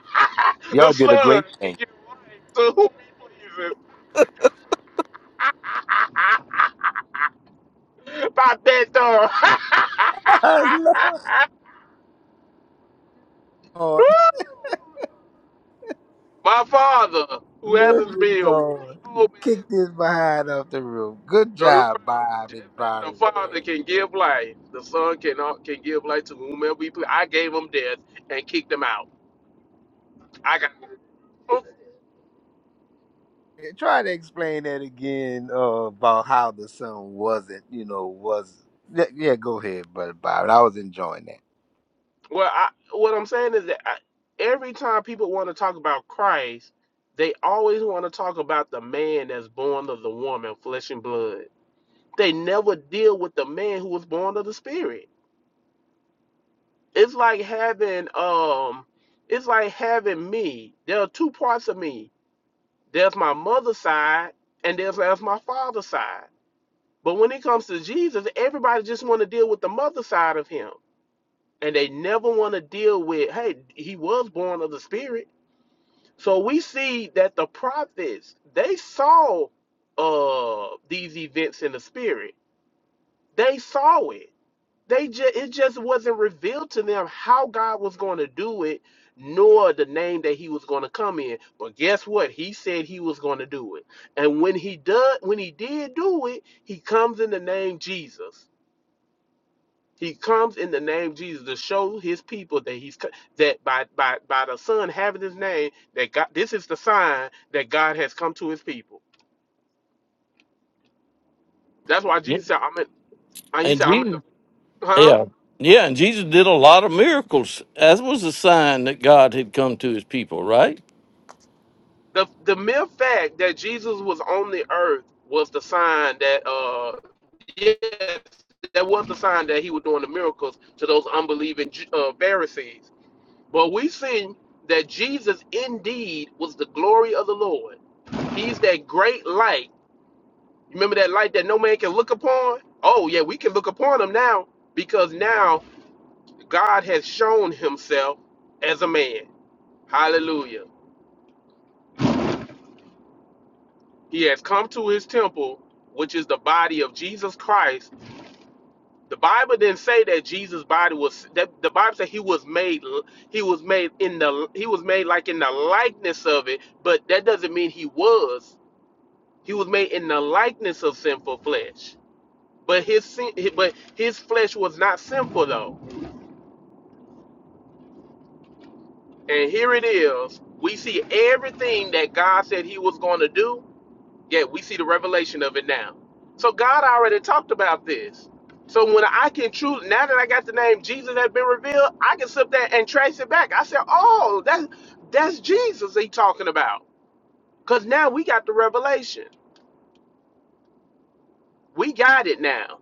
[SPEAKER 7] the
[SPEAKER 6] Y'all did a
[SPEAKER 7] son
[SPEAKER 6] great
[SPEAKER 7] can
[SPEAKER 6] thing.
[SPEAKER 7] give life to whom he pleases. Papito.
[SPEAKER 6] I
[SPEAKER 7] My father, who
[SPEAKER 6] Look
[SPEAKER 7] happens to be
[SPEAKER 6] at
[SPEAKER 7] a white
[SPEAKER 6] God. You
[SPEAKER 7] old man,
[SPEAKER 6] kicked his behind off the roof. Good job,
[SPEAKER 7] right.
[SPEAKER 6] Bob
[SPEAKER 7] Just
[SPEAKER 6] and
[SPEAKER 7] as the
[SPEAKER 6] Byron, man.
[SPEAKER 7] father can give life, the son cannot can give life to whomever we please. I gave him death and kicked him out. I got
[SPEAKER 6] Hey, Try to explain that again uh, about how the sun wasn't, you know, was. Yeah, yeah, go ahead, brother Byron. I was enjoying that.
[SPEAKER 7] well. I, what I'm saying is that I, every time people want to talk about Christ, they always want to talk about the man that's born of the woman, flesh and blood. They never deal with the man who was born of the spirit. It's like having um it's like having me. There are two parts of me. There's my mother's side and there's, there's my father's side. But when it comes to Jesus, everybody just want to deal with the mother side of him. And they never want to deal with, hey, he was born of the spirit. So we see that the prophets, they saw uh these events in the spirit. They saw it they just it just wasn't revealed to them how God was going to do it, nor the name that He was going to come in. But guess what? He said He was going to do it, and when He does, when He did do it, He comes in the name Jesus. He comes in the name Jesus to show His people that He's co- that by by by the Son having His name that God. This is the sign that God has come to His people. That's why
[SPEAKER 1] he? Yeah.
[SPEAKER 7] Jesus said, "I'm in." He
[SPEAKER 1] And
[SPEAKER 7] said, "I'm in the."
[SPEAKER 1] Jesus.
[SPEAKER 7] Huh?
[SPEAKER 1] Yeah. Yeah. And Jesus did a lot of miracles. That was a sign that God had come to His people, right?
[SPEAKER 7] the the mere fact that Jesus was on the earth was the sign that uh yes that was the sign that he was doing the miracles to those unbelieving Ju- uh, Pharisees. But we see that Jesus indeed was the glory of the Lord. He's that great light. Remember that light that no man can look upon? Oh yeah, we can look upon him now because now God has shown himself as a man. Hallelujah. He has come to his temple, which is the body of Jesus Christ. The Bible didn't say that Jesus' body was that the Bible said he was made he was made in the he was made like in the likeness of it, but that doesn't mean he was. He was made in the likeness of sinful flesh. But his sin, but his flesh was not sinful though. And here it is. We see everything that God said he was going to do Yeah, we see the revelation of it now. So God already talked about this. So when I can truly, now that I got the name Jesus that been revealed, I can sit there and trace it back. I said, oh, that's that's Jesus he talking about. Cause now we got the revelation. We got it now.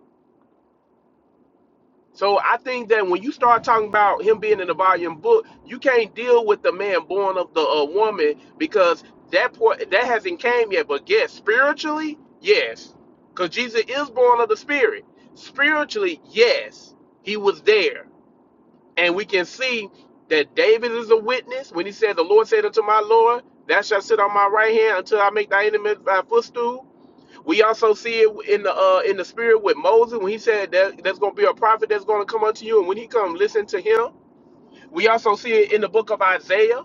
[SPEAKER 7] So I think that when you start talking about him being in the volume book, you can't deal with the man born of the uh, woman because that point that hasn't came yet. But yes, spiritually, yes, because Jesus is born of the Spirit. Spiritually, yes, he was there, and we can see that David is a witness when he said, "The Lord said unto my Lord, Thou shalt sit on my right hand until I make thy enemies thy footstool." We also see it in the uh, in the spirit with Moses when he said that there's going to be a prophet that's going to come unto you, and when he come, listen to him. We also see it in the book of Isaiah.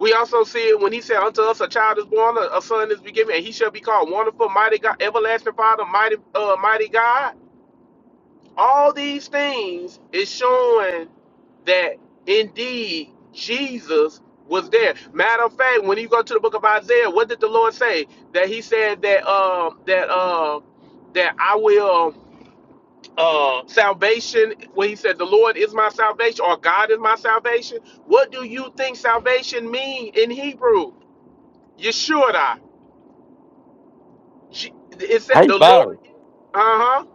[SPEAKER 7] We also see it when he said, "Unto us a child is born, a a son is be given, and he shall be called Wonderful, Mighty God, Everlasting Father, Mighty uh, Mighty God." all these things is showing that indeed Jesus was there. Matter of fact, when you go to the book of Isaiah, what did the Lord say? That He said that um that um that I will uh salvation when he said the Lord is my salvation or God is my salvation. What do you think salvation mean in Hebrew? Yeshua. Je- It said
[SPEAKER 1] Hey,
[SPEAKER 7] the Lord
[SPEAKER 1] Byron.
[SPEAKER 7] uh-huh.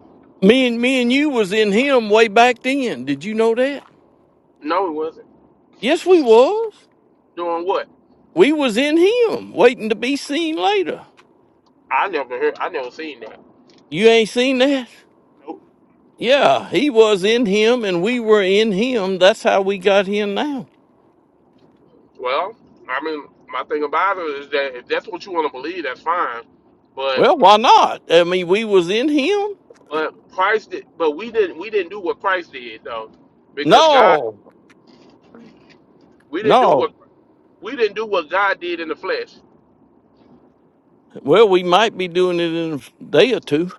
[SPEAKER 1] Me and me and you was in Him way back then. Did you know that?
[SPEAKER 7] No, it wasn't.
[SPEAKER 1] Yes, we was.
[SPEAKER 7] Doing what?
[SPEAKER 1] We was in him, waiting to be seen later.
[SPEAKER 7] I never heard I never seen that.
[SPEAKER 1] You ain't seen that?
[SPEAKER 7] Nope.
[SPEAKER 1] Yeah, he was in him and we were in him. That's how we got here now.
[SPEAKER 7] Well, I mean, my thing about it is that if that's what you want to believe, that's fine. But
[SPEAKER 1] Well, why not? I mean, we was in him?
[SPEAKER 7] but Christ did, but we didn't we didn't do what Christ did though, because God
[SPEAKER 1] No.
[SPEAKER 7] we didn't do what
[SPEAKER 1] No.
[SPEAKER 7] we didn't do what God did in the flesh.
[SPEAKER 1] Well, we might be doing it in a day or two.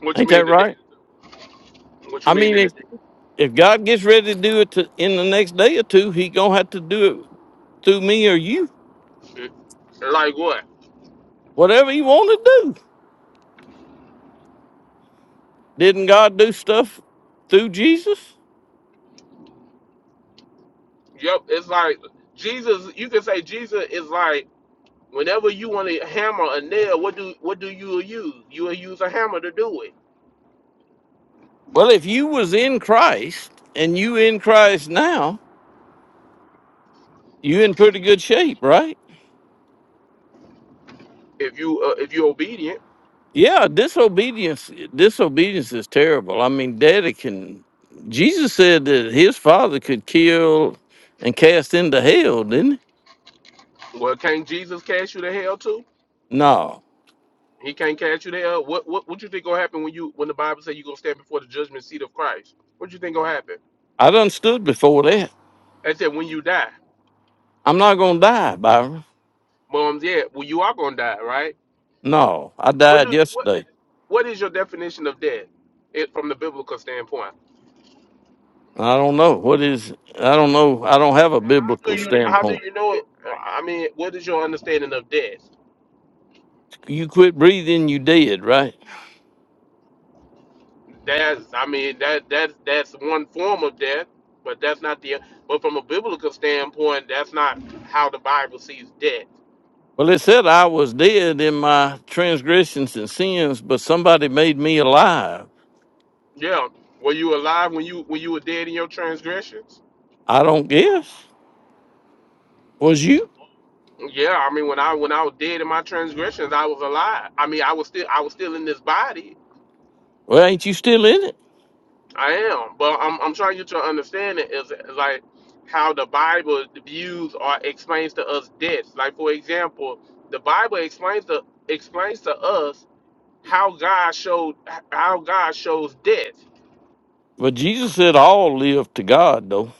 [SPEAKER 7] What you
[SPEAKER 1] Ain't
[SPEAKER 7] mean
[SPEAKER 1] that
[SPEAKER 7] the day?
[SPEAKER 1] right?
[SPEAKER 7] What
[SPEAKER 1] I
[SPEAKER 7] you mean
[SPEAKER 1] mean,
[SPEAKER 7] in the
[SPEAKER 1] if, if God gets ready to do it to, in the next day or two, he going to have to do it through me or you,
[SPEAKER 7] day? Like what?
[SPEAKER 1] whatever he want to do. Didn't God do stuff through Jesus?
[SPEAKER 7] Yep, it's like Jesus. You can say Jesus is like whenever you want to hammer a nail. What do what do you use? You will use a hammer to do it.
[SPEAKER 1] Well, if you was in Christ and you in Christ now, you in pretty good shape, right?
[SPEAKER 7] If you uh, if you're obedient,
[SPEAKER 1] Yeah, disobedience disobedience is terrible. I mean, daddy can Jesus said that his father could kill and cast into hell, didn't he?
[SPEAKER 7] well, can't Jesus cast you to hell too?
[SPEAKER 1] No.
[SPEAKER 7] He can't catch you there. What what what you think gonna happen when you when the Bible say you gonna stand before the judgment seat of Christ? What you think gonna happen?
[SPEAKER 1] I done stood before that.
[SPEAKER 7] I said when you die.
[SPEAKER 1] I'm not gonna die, Byron.
[SPEAKER 7] Moms, yeah, well you are gonna die, right?
[SPEAKER 1] No. I
[SPEAKER 7] What do
[SPEAKER 1] died
[SPEAKER 7] you, what
[SPEAKER 1] yesterday.
[SPEAKER 7] what is your definition of death? It from the biblical standpoint.
[SPEAKER 1] I don't know. What is I don't know. I don't have a
[SPEAKER 7] How do
[SPEAKER 1] biblical
[SPEAKER 7] you how do
[SPEAKER 1] standpoint.
[SPEAKER 7] you know it? I mean, what is your understanding of death?
[SPEAKER 1] You quit breathing, you dead, right?
[SPEAKER 7] That's I mean that that's that's one form of death, but that's not the but from a biblical standpoint, that's not how the Bible sees death.
[SPEAKER 1] Well, it said I was dead in my transgressions and sins, but somebody made me alive.
[SPEAKER 7] Yeah. Were you alive when you when you were dead in your transgressions?
[SPEAKER 1] I don't guess. Was you?
[SPEAKER 7] Yeah, I mean when I when I was dead in my transgressions, I was alive. I mean I was still I was still in this body.
[SPEAKER 1] Well, ain't you still in it?
[SPEAKER 7] I am. But I'm I'm trying you to understand it is like how the Bible views or explains to us death. Like for example, the Bible explains to explains to us how God showed how God shows death.
[SPEAKER 1] But Jesus said all live to God, though.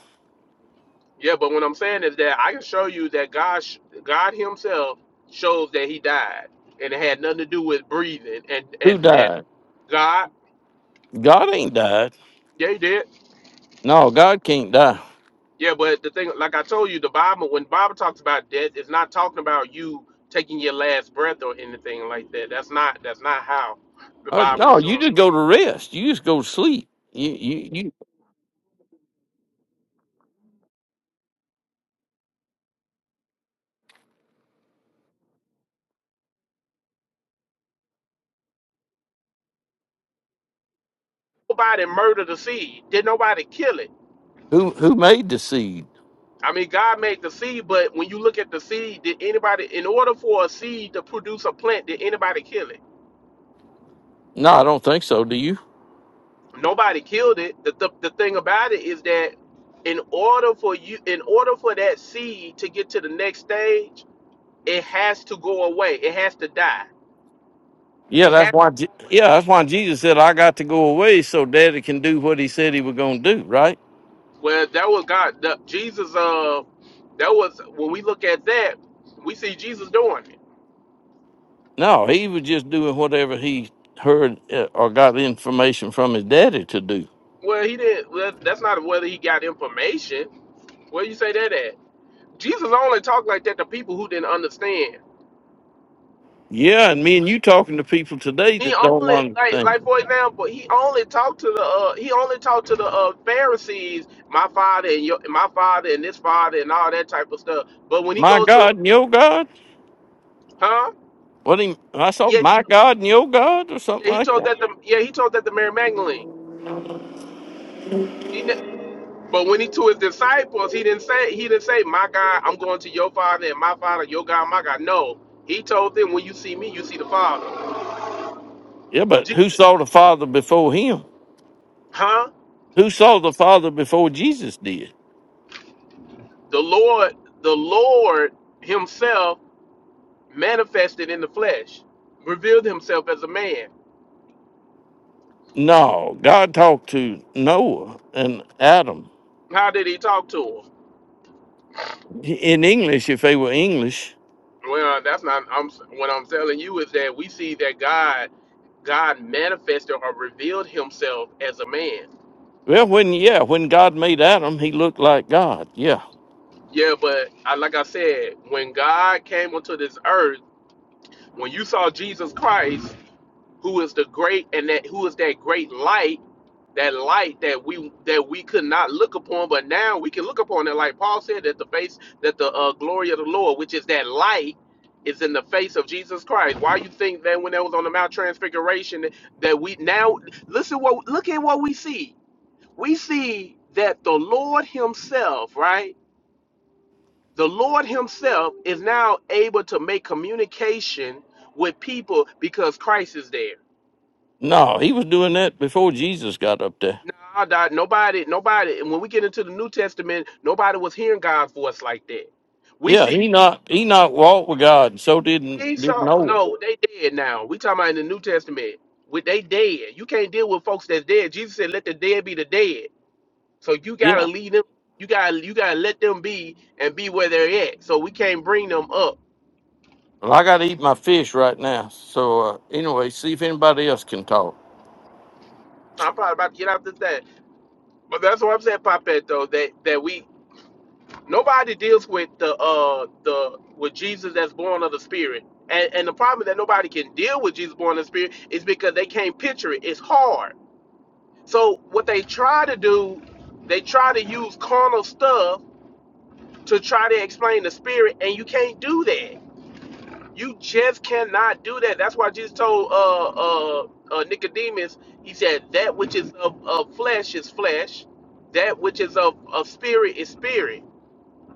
[SPEAKER 7] Yeah, but what I'm saying is that I can show you that God, sh- God Himself shows that He died, and it had nothing to do with breathing. And
[SPEAKER 1] Who
[SPEAKER 7] and and
[SPEAKER 1] died?
[SPEAKER 7] God,
[SPEAKER 1] God ain't died.
[SPEAKER 7] yeah, He did.
[SPEAKER 1] No, God can't die.
[SPEAKER 7] Yeah, but the thing, like I told you, the Bible, when the Bible talks about death, it's not talking about you taking your last breath or anything like that. That's not that's not how the
[SPEAKER 1] Uh,
[SPEAKER 7] Bible is
[SPEAKER 1] no, you
[SPEAKER 7] showing.
[SPEAKER 1] just go to rest. You just go to sleep. You, you, you.
[SPEAKER 7] Nobody murdered the seed. Did nobody kill it?
[SPEAKER 1] Who, who made the seed?
[SPEAKER 7] I mean, God made the seed, but when you look at the seed, did anybody, in order for a seed to produce a plant, did anybody kill it?
[SPEAKER 1] No, I don't think so. Do you?
[SPEAKER 7] nobody killed it. The, the the thing about it is that in order for you, in order for that seed to get to the next stage, it has to go away. It has to die.
[SPEAKER 1] Yeah,
[SPEAKER 7] It
[SPEAKER 1] that's
[SPEAKER 7] has
[SPEAKER 1] why.
[SPEAKER 7] to
[SPEAKER 1] Je-
[SPEAKER 7] go away.
[SPEAKER 1] yeah, that's why Jesus said I got to go away so Daddy can do what He said He was gonna do. Right?
[SPEAKER 7] Well, that was God. The, Jesus. Uh, that was when we look at that, we see Jesus doing it.
[SPEAKER 1] No, he was just doing whatever he heard uh, or got information from his daddy to do.
[SPEAKER 7] Well, he didn't. Well, that's not whether he got information. Where you say that at? Jesus only talked like that to people who didn't understand.
[SPEAKER 1] Yeah, and me and you talking to people today
[SPEAKER 7] He
[SPEAKER 1] that don't
[SPEAKER 7] only like like
[SPEAKER 1] understand.
[SPEAKER 7] for example, he only talked to the uh, he only talked to the uh, Pharisees, my father and your my father and this father and all that type of stuff. But when he
[SPEAKER 1] My
[SPEAKER 7] goes
[SPEAKER 1] God
[SPEAKER 7] to
[SPEAKER 1] and your God?
[SPEAKER 7] huh?
[SPEAKER 1] What he, I saw
[SPEAKER 7] Yeah,
[SPEAKER 1] my God and your God or something
[SPEAKER 7] yeah he
[SPEAKER 1] like
[SPEAKER 7] told
[SPEAKER 1] that.
[SPEAKER 7] that the yeah he told that the Mary Magdalene. He, ne- but when he to his disciples, he didn't say he didn't say my God, I'm going to your father and my father, your God, my God. No, he told them when you see me, you see the Father.
[SPEAKER 1] Yeah, but who
[SPEAKER 7] Jesus,
[SPEAKER 1] saw the Father before him?
[SPEAKER 7] huh?
[SPEAKER 1] Who saw the Father before Jesus did?
[SPEAKER 7] The Lord, the Lord Himself manifested in the flesh, revealed himself as a man.
[SPEAKER 1] No, God talked to Noah and Adam
[SPEAKER 7] How did he talk to him?
[SPEAKER 1] in English if they were English.
[SPEAKER 7] Well, that's not. I'm what I'm telling you is that we see that God, God manifested or revealed himself as a man.
[SPEAKER 1] Well, when yeah, when God made Adam, he looked like God. Yeah,
[SPEAKER 7] Yeah, but I, like I said, when God came onto this earth, when you saw Jesus Christ. who is the great and that who is that great light that light that we that we could not look upon but now we can look upon it like paul said that the face that the uh, glory of the lord which is that light is in the face of jesus christ why you think that when that was on the mount transfiguration that we now listen what look at what we see we see that the lord himself right the lord himself is now able to make communication with people because christ is there
[SPEAKER 1] No, he was doing that before Jesus got up there.
[SPEAKER 7] Nah, dog, nobody, nobody. When we get into the New Testament, nobody was hearing God's voice like that. We
[SPEAKER 1] Yeah,
[SPEAKER 7] see,
[SPEAKER 1] Enoch Enoch walked with God, and so didn't
[SPEAKER 7] we
[SPEAKER 1] didn't
[SPEAKER 7] saw.
[SPEAKER 1] Noah.
[SPEAKER 7] No, they dead now. We talking about in the New Testament. With they dead, you can't deal with folks that's dead. Jesus said, "Let the dead be the dead." So you gotta
[SPEAKER 1] Yeah.
[SPEAKER 7] lead them. You gotta, you gotta let them be and be where they're at. So we can't bring them up.
[SPEAKER 1] Well, I got to eat my fish right now. So uh, anyway, see if anybody else can talk.
[SPEAKER 7] So I'm probably about to get out this thing. But that's what I'm saying, Popette, though, that that we Nobody deals with the uh the with Jesus that's born of the Spirit, and and the problem is that nobody can deal with Jesus born of the Spirit is because they can't picture it. It's hard. So what they try to do, they try to use carnal stuff to try to explain the Spirit, and you can't do that. You just cannot do that. That's why Jesus told uh uh, uh Nicodemus, he said that which is of, of flesh is flesh, that which is of, of spirit is spirit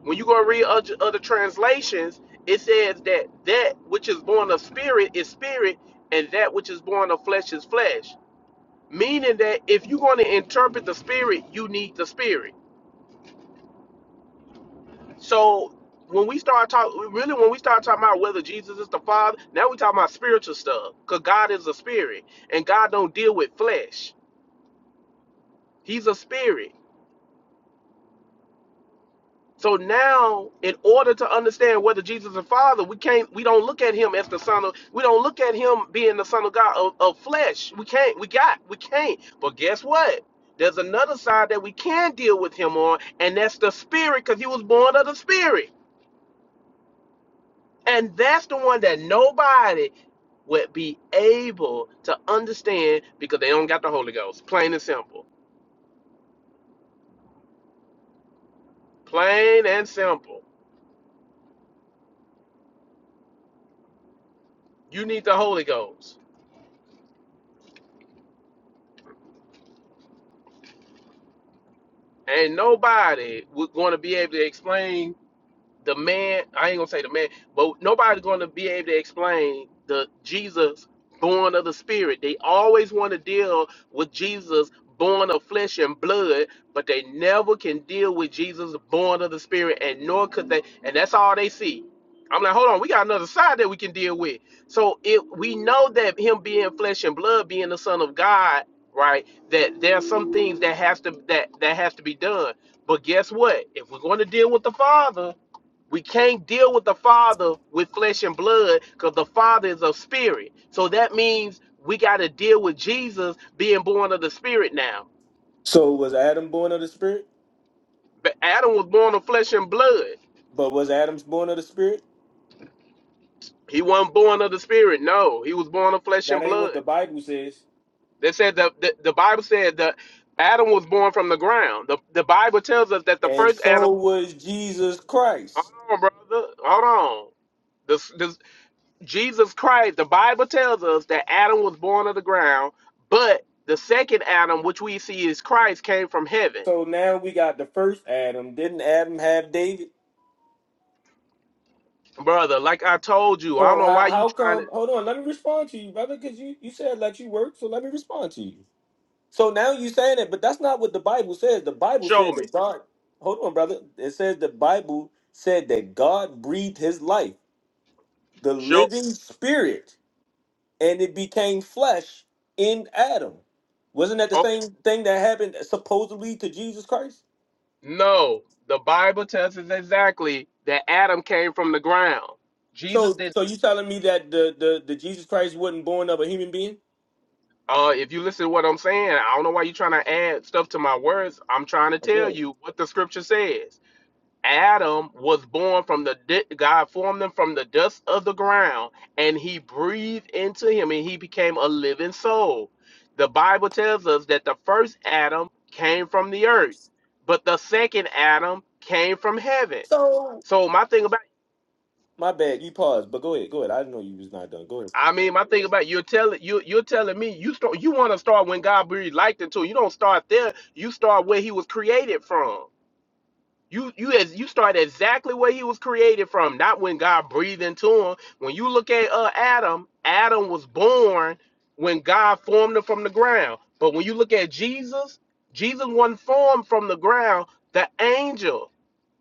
[SPEAKER 7] when you go read other, other translations, it says that that which is born of spirit is spirit, and that which is born of flesh is flesh. Meaning that if you're going to interpret the spirit, you need the spirit. So when we start talking, really, when we start talking about whether Jesus is the Father, now we talking about spiritual stuff, because God is a spirit, and God don't deal with flesh. He's a spirit. So now, in order to understand whether Jesus is the Father, we can't. We don't look at him as the Son of. We don't look at him being the Son of God of, of flesh. We can't. We got. We can't. But guess what? There's another side that we can deal with him on, and that's the Spirit, because he was born of the Spirit, and that's the one that nobody would be able to understand because they don't got the Holy Ghost. Plain and simple. Plain and simple. You need the Holy Ghost. and nobody was going to be able to explain the man i ain't gonna say the man but nobody's gonna be able to explain the jesus born of the spirit they always want to deal with jesus born of flesh and blood but they never can deal with jesus born of the spirit and nor could they and that's all they see i'm like hold on we got another side that we can deal with so if we know that him being flesh and blood being the son of god right that there are some things that has to that that has to be done but guess what if we're going to deal with the father we can't deal with the Father with flesh and blood because the Father is of spirit. So that means we got to deal with Jesus being born of the spirit now.
[SPEAKER 10] So was Adam born of the spirit?
[SPEAKER 7] But Adam was born of flesh and blood.
[SPEAKER 10] But was Adam's born of the spirit?
[SPEAKER 7] He wasn't born of the spirit. No, he was born of flesh and
[SPEAKER 10] That ain't
[SPEAKER 7] blood.
[SPEAKER 10] what the Bible says.
[SPEAKER 7] They said the, the, the Bible said that Adam was born from the ground. The, the Bible tells us that the
[SPEAKER 10] And
[SPEAKER 7] first Adam.
[SPEAKER 10] so was Jesus Christ.
[SPEAKER 7] Hold on, brother. Hold on. The, the, Jesus Christ, the Bible tells us that Adam was born of the ground, but the second Adam, which we see is Christ, came from heaven.
[SPEAKER 10] So now we got the first Adam. Didn't Adam have David?
[SPEAKER 7] Brother, like I told you, I don't
[SPEAKER 10] So
[SPEAKER 7] know why
[SPEAKER 10] how
[SPEAKER 7] you
[SPEAKER 10] how
[SPEAKER 7] trying to
[SPEAKER 10] come hold on, let me respond to you, brother, because you, you said let you work, so let me respond to you. So now you saying it, but that's not what the Bible says. The Bible
[SPEAKER 7] show
[SPEAKER 10] said
[SPEAKER 7] me.
[SPEAKER 10] that God hold on, brother. It says the Bible said that God breathed his life, the
[SPEAKER 7] Show
[SPEAKER 10] living spirit. and it became flesh in Adam. Wasn't that the
[SPEAKER 7] okay.
[SPEAKER 10] same thing that happened supposedly to Jesus Christ?
[SPEAKER 7] No. The Bible tells us exactly that Adam came from the ground. Jesus
[SPEAKER 10] So,
[SPEAKER 7] did
[SPEAKER 10] so you telling me that the the, the Jesus Christ wasn't born of a human being?
[SPEAKER 7] uh if you listen to what I'm saying, I don't know why you are trying to add stuff to my words. I'm trying to
[SPEAKER 10] Oh, Go
[SPEAKER 7] tell
[SPEAKER 10] ahead.
[SPEAKER 7] you what the scripture says. Adam was born from the di- God formed him from the dust of the ground, and He breathed into him, and he became a living soul. The Bible tells us that the first Adam came from the earth, but the second Adam came from heaven.
[SPEAKER 10] So
[SPEAKER 7] So my thing about
[SPEAKER 10] my bad, you paused, but go ahead, go ahead. I didn't know you was not done. Go ahead.
[SPEAKER 7] I mean, my thing about you're telling you you're telling me you start you want to start when God breathed life into you. You don't start there. You start where He was created from. You you as you start exactly where he was created from, not when God breathed into him. When you look at uh, Adam, Adam was born when God formed him from the ground. But when you look at Jesus, Jesus wasn't formed from the ground. The angel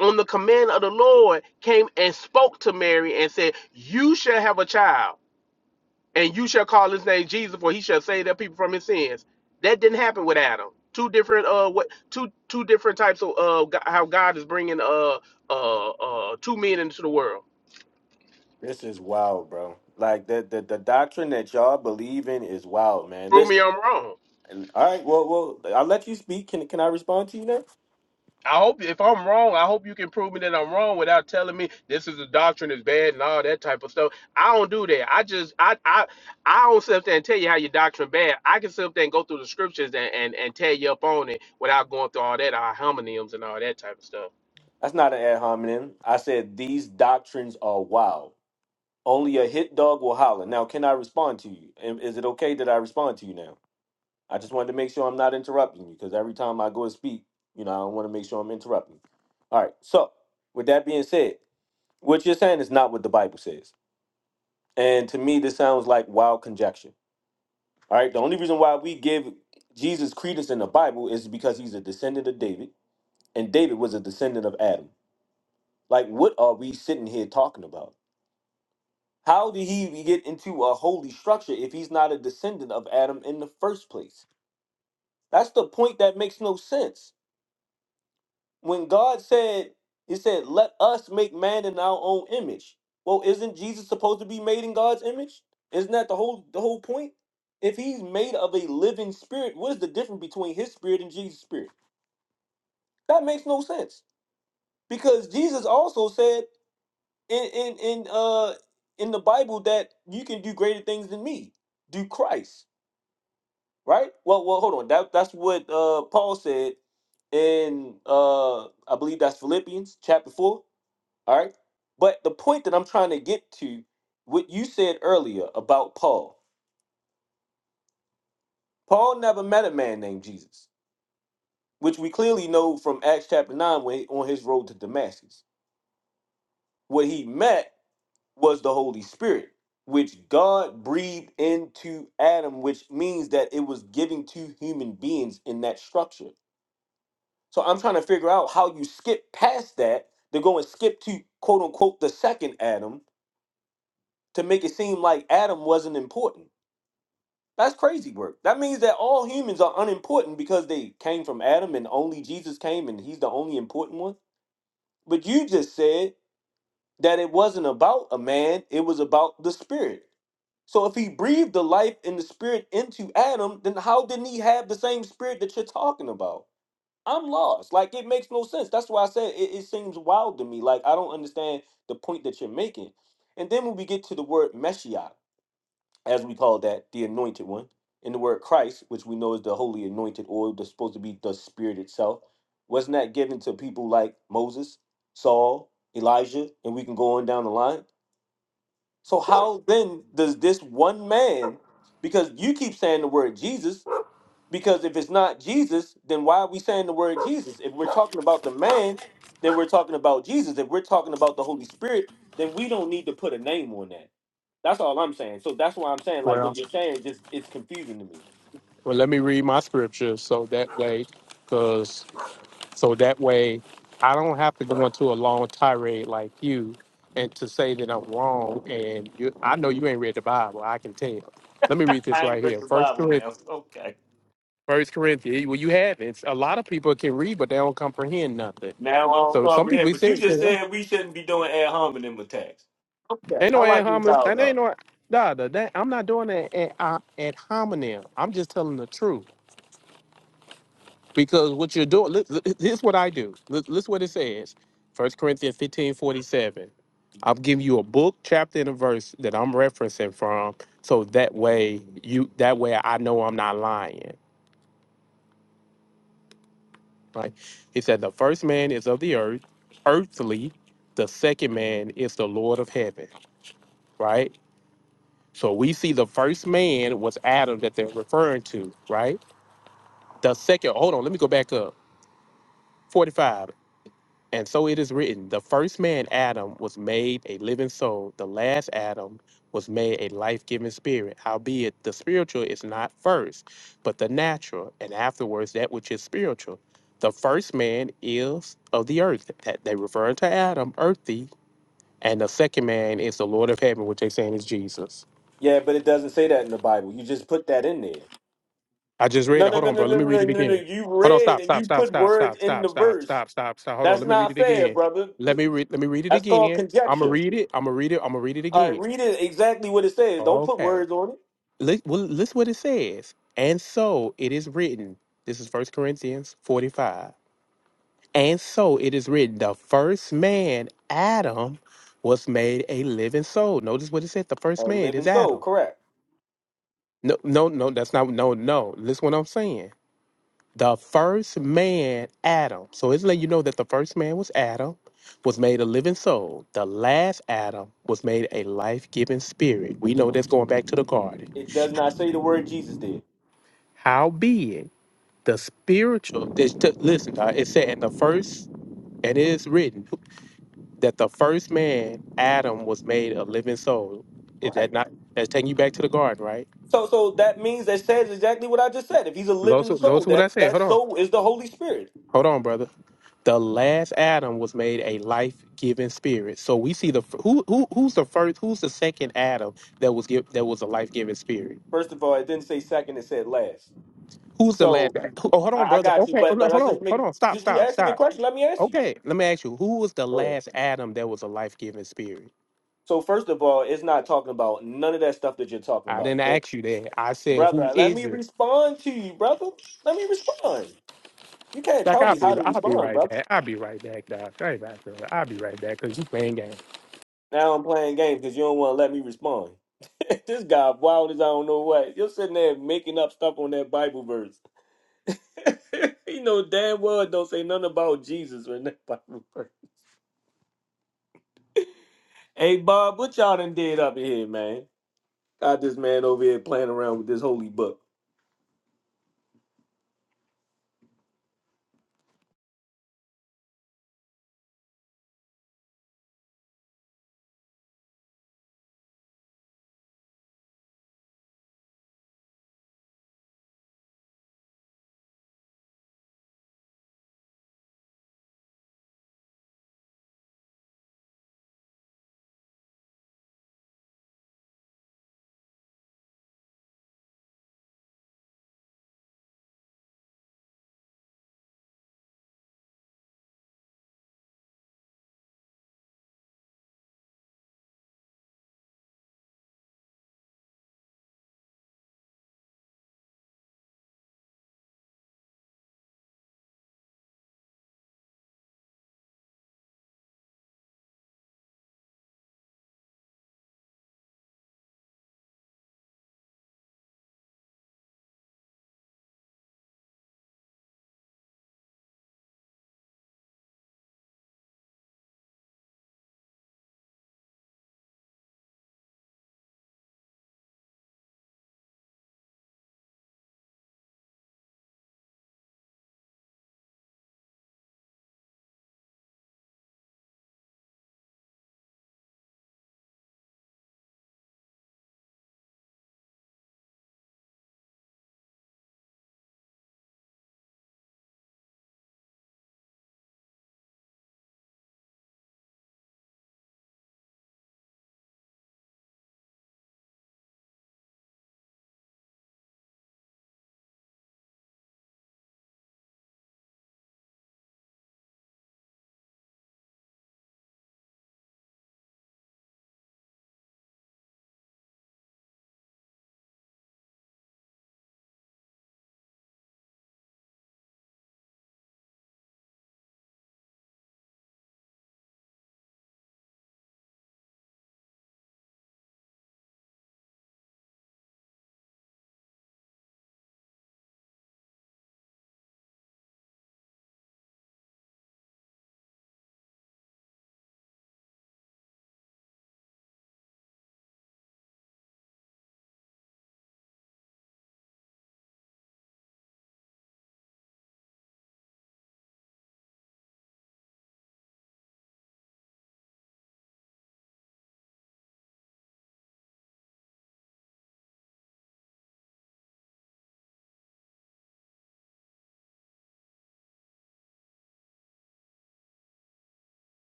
[SPEAKER 7] on the command of the Lord came and spoke to Mary and said, "You shall have a child." and you shall call his name Jesus, for he shall save their people from his sins. That didn't happen with Adam. Two different uh what two two different types of uh go- how God is bringing uh uh uh two men into the world.
[SPEAKER 10] This is wild, bro. Like the the, the doctrine that y'all believe in is wild, man.
[SPEAKER 7] Prove me
[SPEAKER 10] Listen,
[SPEAKER 7] I'm wrong.
[SPEAKER 10] and- all right, well, well, I'll let you speak. Can can I respond to you now?
[SPEAKER 7] I hope if I'm wrong, I hope you can prove me that I'm wrong without telling me this is a doctrine is bad and all that type of stuff. I don't do that. I just I I I don't sit up there and tell you how your doctrine bad. I can sit up there and go through the scriptures and and, and tear you up on it without going through all that our homonyms and all that type of
[SPEAKER 10] That's not an ad hominem. I said these doctrines are wild. Only a hit dog will holler. Now, can I respond to you? Am- Is it okay that I respond to you now? I just wanted to make sure I'm not interrupting you because every time I go to speak, you know, I want to make sure I'm interrupting. All right. So, with that being said, what you're saying is not what the Bible says. And to me, this sounds like wild conjecture. All right. The only reason why we give Jesus credence in the Bible is because he's a descendant of David, and David was a descendant of Adam. Like, what are we sitting here talking about? How did he get into a holy structure if he's not a descendant of Adam in the first place? That's the point that makes no sense. When God said, He said, let us make man in our own image. Well, isn't Jesus supposed to be made in God's image? Isn't that the whole the whole point? If he's made of a living spirit, what is the difference between his spirit and Jesus' spirit? That makes no sense. Because Jesus also said in in, in uh in the Bible that you can do greater things than me. Do Christ. right? Well, well, hold on. That that's what uh, Paul said in uh, I believe that's Philippians chapter four. All right, but the point that I'm trying to get to, what you said earlier about Paul. Paul never met a man named Jesus, which we clearly know from Acts chapter nine when on his road to Damascus. What he met was the Holy Spirit, which God breathed into Adam, which means that it was given to human beings in that structure So I'm trying to figure out how you skip past that to go and skip to quote unquote the second Adam to make it seem like Adam wasn't important. That's crazy work. That means that all humans are unimportant because they came from Adam and only Jesus came and he's the only important one. But you just said that it wasn't about a man, it was about the spirit. So if he breathed the life and the spirit into Adam, then how didn't he have the same spirit that you're talking about? I'm lost. Like it makes no sense. That's why I said it, it seems wild to me. Like I don't understand the point that you're making. And then when we get to the word Messiah, as we call that, the anointed one, and the word Christ, which we know is the holy anointed oil, that's supposed to be the spirit itself, wasn't that given to people like Moses, Saul, Elijah, and we can go on down the line? So how then does this one man, because you keep saying the word Jesus, because if it's not Jesus, then why are we saying the word Jesus? If we're talking about the man, then we're talking about Jesus. If we're talking about the Holy Spirit, then we don't need to put a name on that. That's all I'm saying. So that's why I'm saying like
[SPEAKER 7] stuff.
[SPEAKER 10] what you're saying just is confusing to me.
[SPEAKER 7] Well, let me read my scripture so that way, because so that way I don't have to go into a long tirade like you and to say that I'm wrong. And you, I know you ain't read the Bible. I can tell. Let me read this
[SPEAKER 10] I ain't
[SPEAKER 7] right
[SPEAKER 10] read
[SPEAKER 7] here.
[SPEAKER 10] the
[SPEAKER 7] First
[SPEAKER 10] Bible now.
[SPEAKER 7] Corinthians.
[SPEAKER 10] Okay.
[SPEAKER 7] First Corinthians. Well, you have it. A lot of people can read, but they don't comprehend nothing.
[SPEAKER 10] Now I don't
[SPEAKER 7] So some
[SPEAKER 10] comprehend.
[SPEAKER 7] people
[SPEAKER 10] But you
[SPEAKER 7] say,
[SPEAKER 10] just
[SPEAKER 7] "Ain't
[SPEAKER 10] said we shouldn't be doing ad hominem attacks. Okay. I
[SPEAKER 7] no ad
[SPEAKER 10] like your
[SPEAKER 7] hominem."
[SPEAKER 10] thought
[SPEAKER 7] And ain't
[SPEAKER 10] though.
[SPEAKER 7] no. Nah, nah, that, I'm not doing that ad, ad hominem. I'm just telling the truth. Because what you're doing, look, look, here's what I do. Look, listen what it says. First Corinthians 15:47. I'm giving you a book, chapter, and a verse that I'm referencing from. So that way you that way I know I'm not lying. Right? It said the first man is of the earth, earthly, the second man is the Lord of heaven. Right? So we see the first man was Adam that they're referring to, right? The second, hold on, let me go back up. 45. And so it is written, the first man, Adam, was made a living soul. The last Adam was made a life giving spirit. Howbeit, the spiritual is not first, but the natural, and afterwards that which is spiritual. The first man is of the earth. That they refer to Adam, earthly, and the second man is the Lord of heaven, which they saying is Jesus.
[SPEAKER 10] Yeah, but it doesn't say that in the Bible. You just put that in there.
[SPEAKER 7] I just read
[SPEAKER 10] No,
[SPEAKER 7] it.
[SPEAKER 10] no,
[SPEAKER 7] Hold
[SPEAKER 10] no,
[SPEAKER 7] on,
[SPEAKER 10] no,
[SPEAKER 7] bro. Let
[SPEAKER 10] no,
[SPEAKER 7] me read
[SPEAKER 10] no,
[SPEAKER 7] it
[SPEAKER 10] no, no.
[SPEAKER 7] again.
[SPEAKER 10] You
[SPEAKER 7] Hold on.
[SPEAKER 10] read
[SPEAKER 7] Stop.
[SPEAKER 10] and
[SPEAKER 7] Stop.
[SPEAKER 10] you
[SPEAKER 7] Stop.
[SPEAKER 10] put
[SPEAKER 7] Stop.
[SPEAKER 10] words
[SPEAKER 7] Stop. Stop.
[SPEAKER 10] in the
[SPEAKER 7] Stop.
[SPEAKER 10] verse
[SPEAKER 7] Stop. Stop. Stop. Hold on.
[SPEAKER 10] That's
[SPEAKER 7] Let me read
[SPEAKER 10] not
[SPEAKER 7] it
[SPEAKER 10] fair,
[SPEAKER 7] again.
[SPEAKER 10] brother.
[SPEAKER 7] Let me read. Let me read it
[SPEAKER 10] That's called
[SPEAKER 7] again. I'm gonna
[SPEAKER 10] conjecture.
[SPEAKER 7] read it. I'm gonna read it. I'm gonna read it
[SPEAKER 10] All right,
[SPEAKER 7] again.
[SPEAKER 10] read it exactly what it says. Don't put
[SPEAKER 7] Okay.
[SPEAKER 10] words on it.
[SPEAKER 7] Look. Well, listen what it says. And so it is written. This is First Corinthians 45. And so it is written. The first man, Adam, was made a living soul. Notice what it said. The first
[SPEAKER 10] All right,
[SPEAKER 7] man is
[SPEAKER 10] living soul,
[SPEAKER 7] Adam.
[SPEAKER 10] correct.
[SPEAKER 7] No. No. No. That's not. No. No. Listen what I'm saying. The first man, Adam. So it's letting you know that the first man was Adam, was made a living soul. The last Adam was made a life giving spirit. We know that's going back to the garden.
[SPEAKER 10] It does not say the word Jesus did.
[SPEAKER 7] How be it? The spiritual, this, t- listen, uh, it said, in the first, and it is written that the first man, Adam, was made a living soul.
[SPEAKER 10] All
[SPEAKER 7] Is that
[SPEAKER 10] Right.
[SPEAKER 7] not, that's taking you back to the garden, right?
[SPEAKER 10] So so that means that says exactly what I just said. If he's a living
[SPEAKER 7] Notice,
[SPEAKER 10] soul,
[SPEAKER 7] notice what I
[SPEAKER 10] that
[SPEAKER 7] said.
[SPEAKER 10] that
[SPEAKER 7] Hold on.
[SPEAKER 10] soul is the Holy Spirit.
[SPEAKER 7] Hold on, brother. The last Adam was made a life-giving spirit. So we see the who who who's the first, who's the second Adam that was give that was a life-giving spirit.
[SPEAKER 10] First of all, it didn't say second, it said last.
[SPEAKER 7] Who's the last?
[SPEAKER 10] So
[SPEAKER 7] who- Oh, hold on,
[SPEAKER 10] I, I
[SPEAKER 7] brother.
[SPEAKER 10] got you,
[SPEAKER 7] Okay,
[SPEAKER 10] but
[SPEAKER 7] hold on,
[SPEAKER 10] but
[SPEAKER 7] hold
[SPEAKER 10] let's
[SPEAKER 7] on,
[SPEAKER 10] just
[SPEAKER 7] hold
[SPEAKER 10] make
[SPEAKER 7] on. Stop,
[SPEAKER 10] since you
[SPEAKER 7] stop,
[SPEAKER 10] asked me a
[SPEAKER 7] stop.
[SPEAKER 10] question, let me ask you.
[SPEAKER 7] Okay, let me ask you, who was the
[SPEAKER 10] Go ahead.
[SPEAKER 7] last Adam that was a life-giving spirit?
[SPEAKER 10] So first of all, it's not talking about none of that stuff that you're talking
[SPEAKER 7] I
[SPEAKER 10] about.
[SPEAKER 7] didn't ask you that. I said, who
[SPEAKER 10] brother. Let
[SPEAKER 7] is
[SPEAKER 10] me
[SPEAKER 7] it?
[SPEAKER 10] respond to you, brother. Let me respond. You can't
[SPEAKER 7] Like
[SPEAKER 10] tell
[SPEAKER 7] I'll
[SPEAKER 10] me how
[SPEAKER 7] be,
[SPEAKER 10] to
[SPEAKER 7] I'll be
[SPEAKER 10] respond,
[SPEAKER 7] right
[SPEAKER 10] brother.
[SPEAKER 7] back. I'll be right back, dog. right back, brother. I'll be right back because you playing games.
[SPEAKER 10] Now I'm playing games because you don't want to let me respond. this guy wild as I don't know what. You're sitting there making up stuff on that Bible verse. you know damn well it don't say nothing about Jesus in that Bible verse. Hey Bob, what y'all done did up in here, man? Got this man over here playing around with this holy book.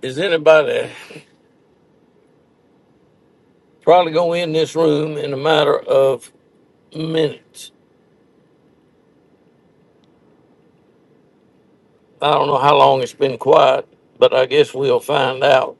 [SPEAKER 1] Is anybody probably going to end this room in a matter of minutes? I don't know how long it's been quiet, but I guess we'll find out.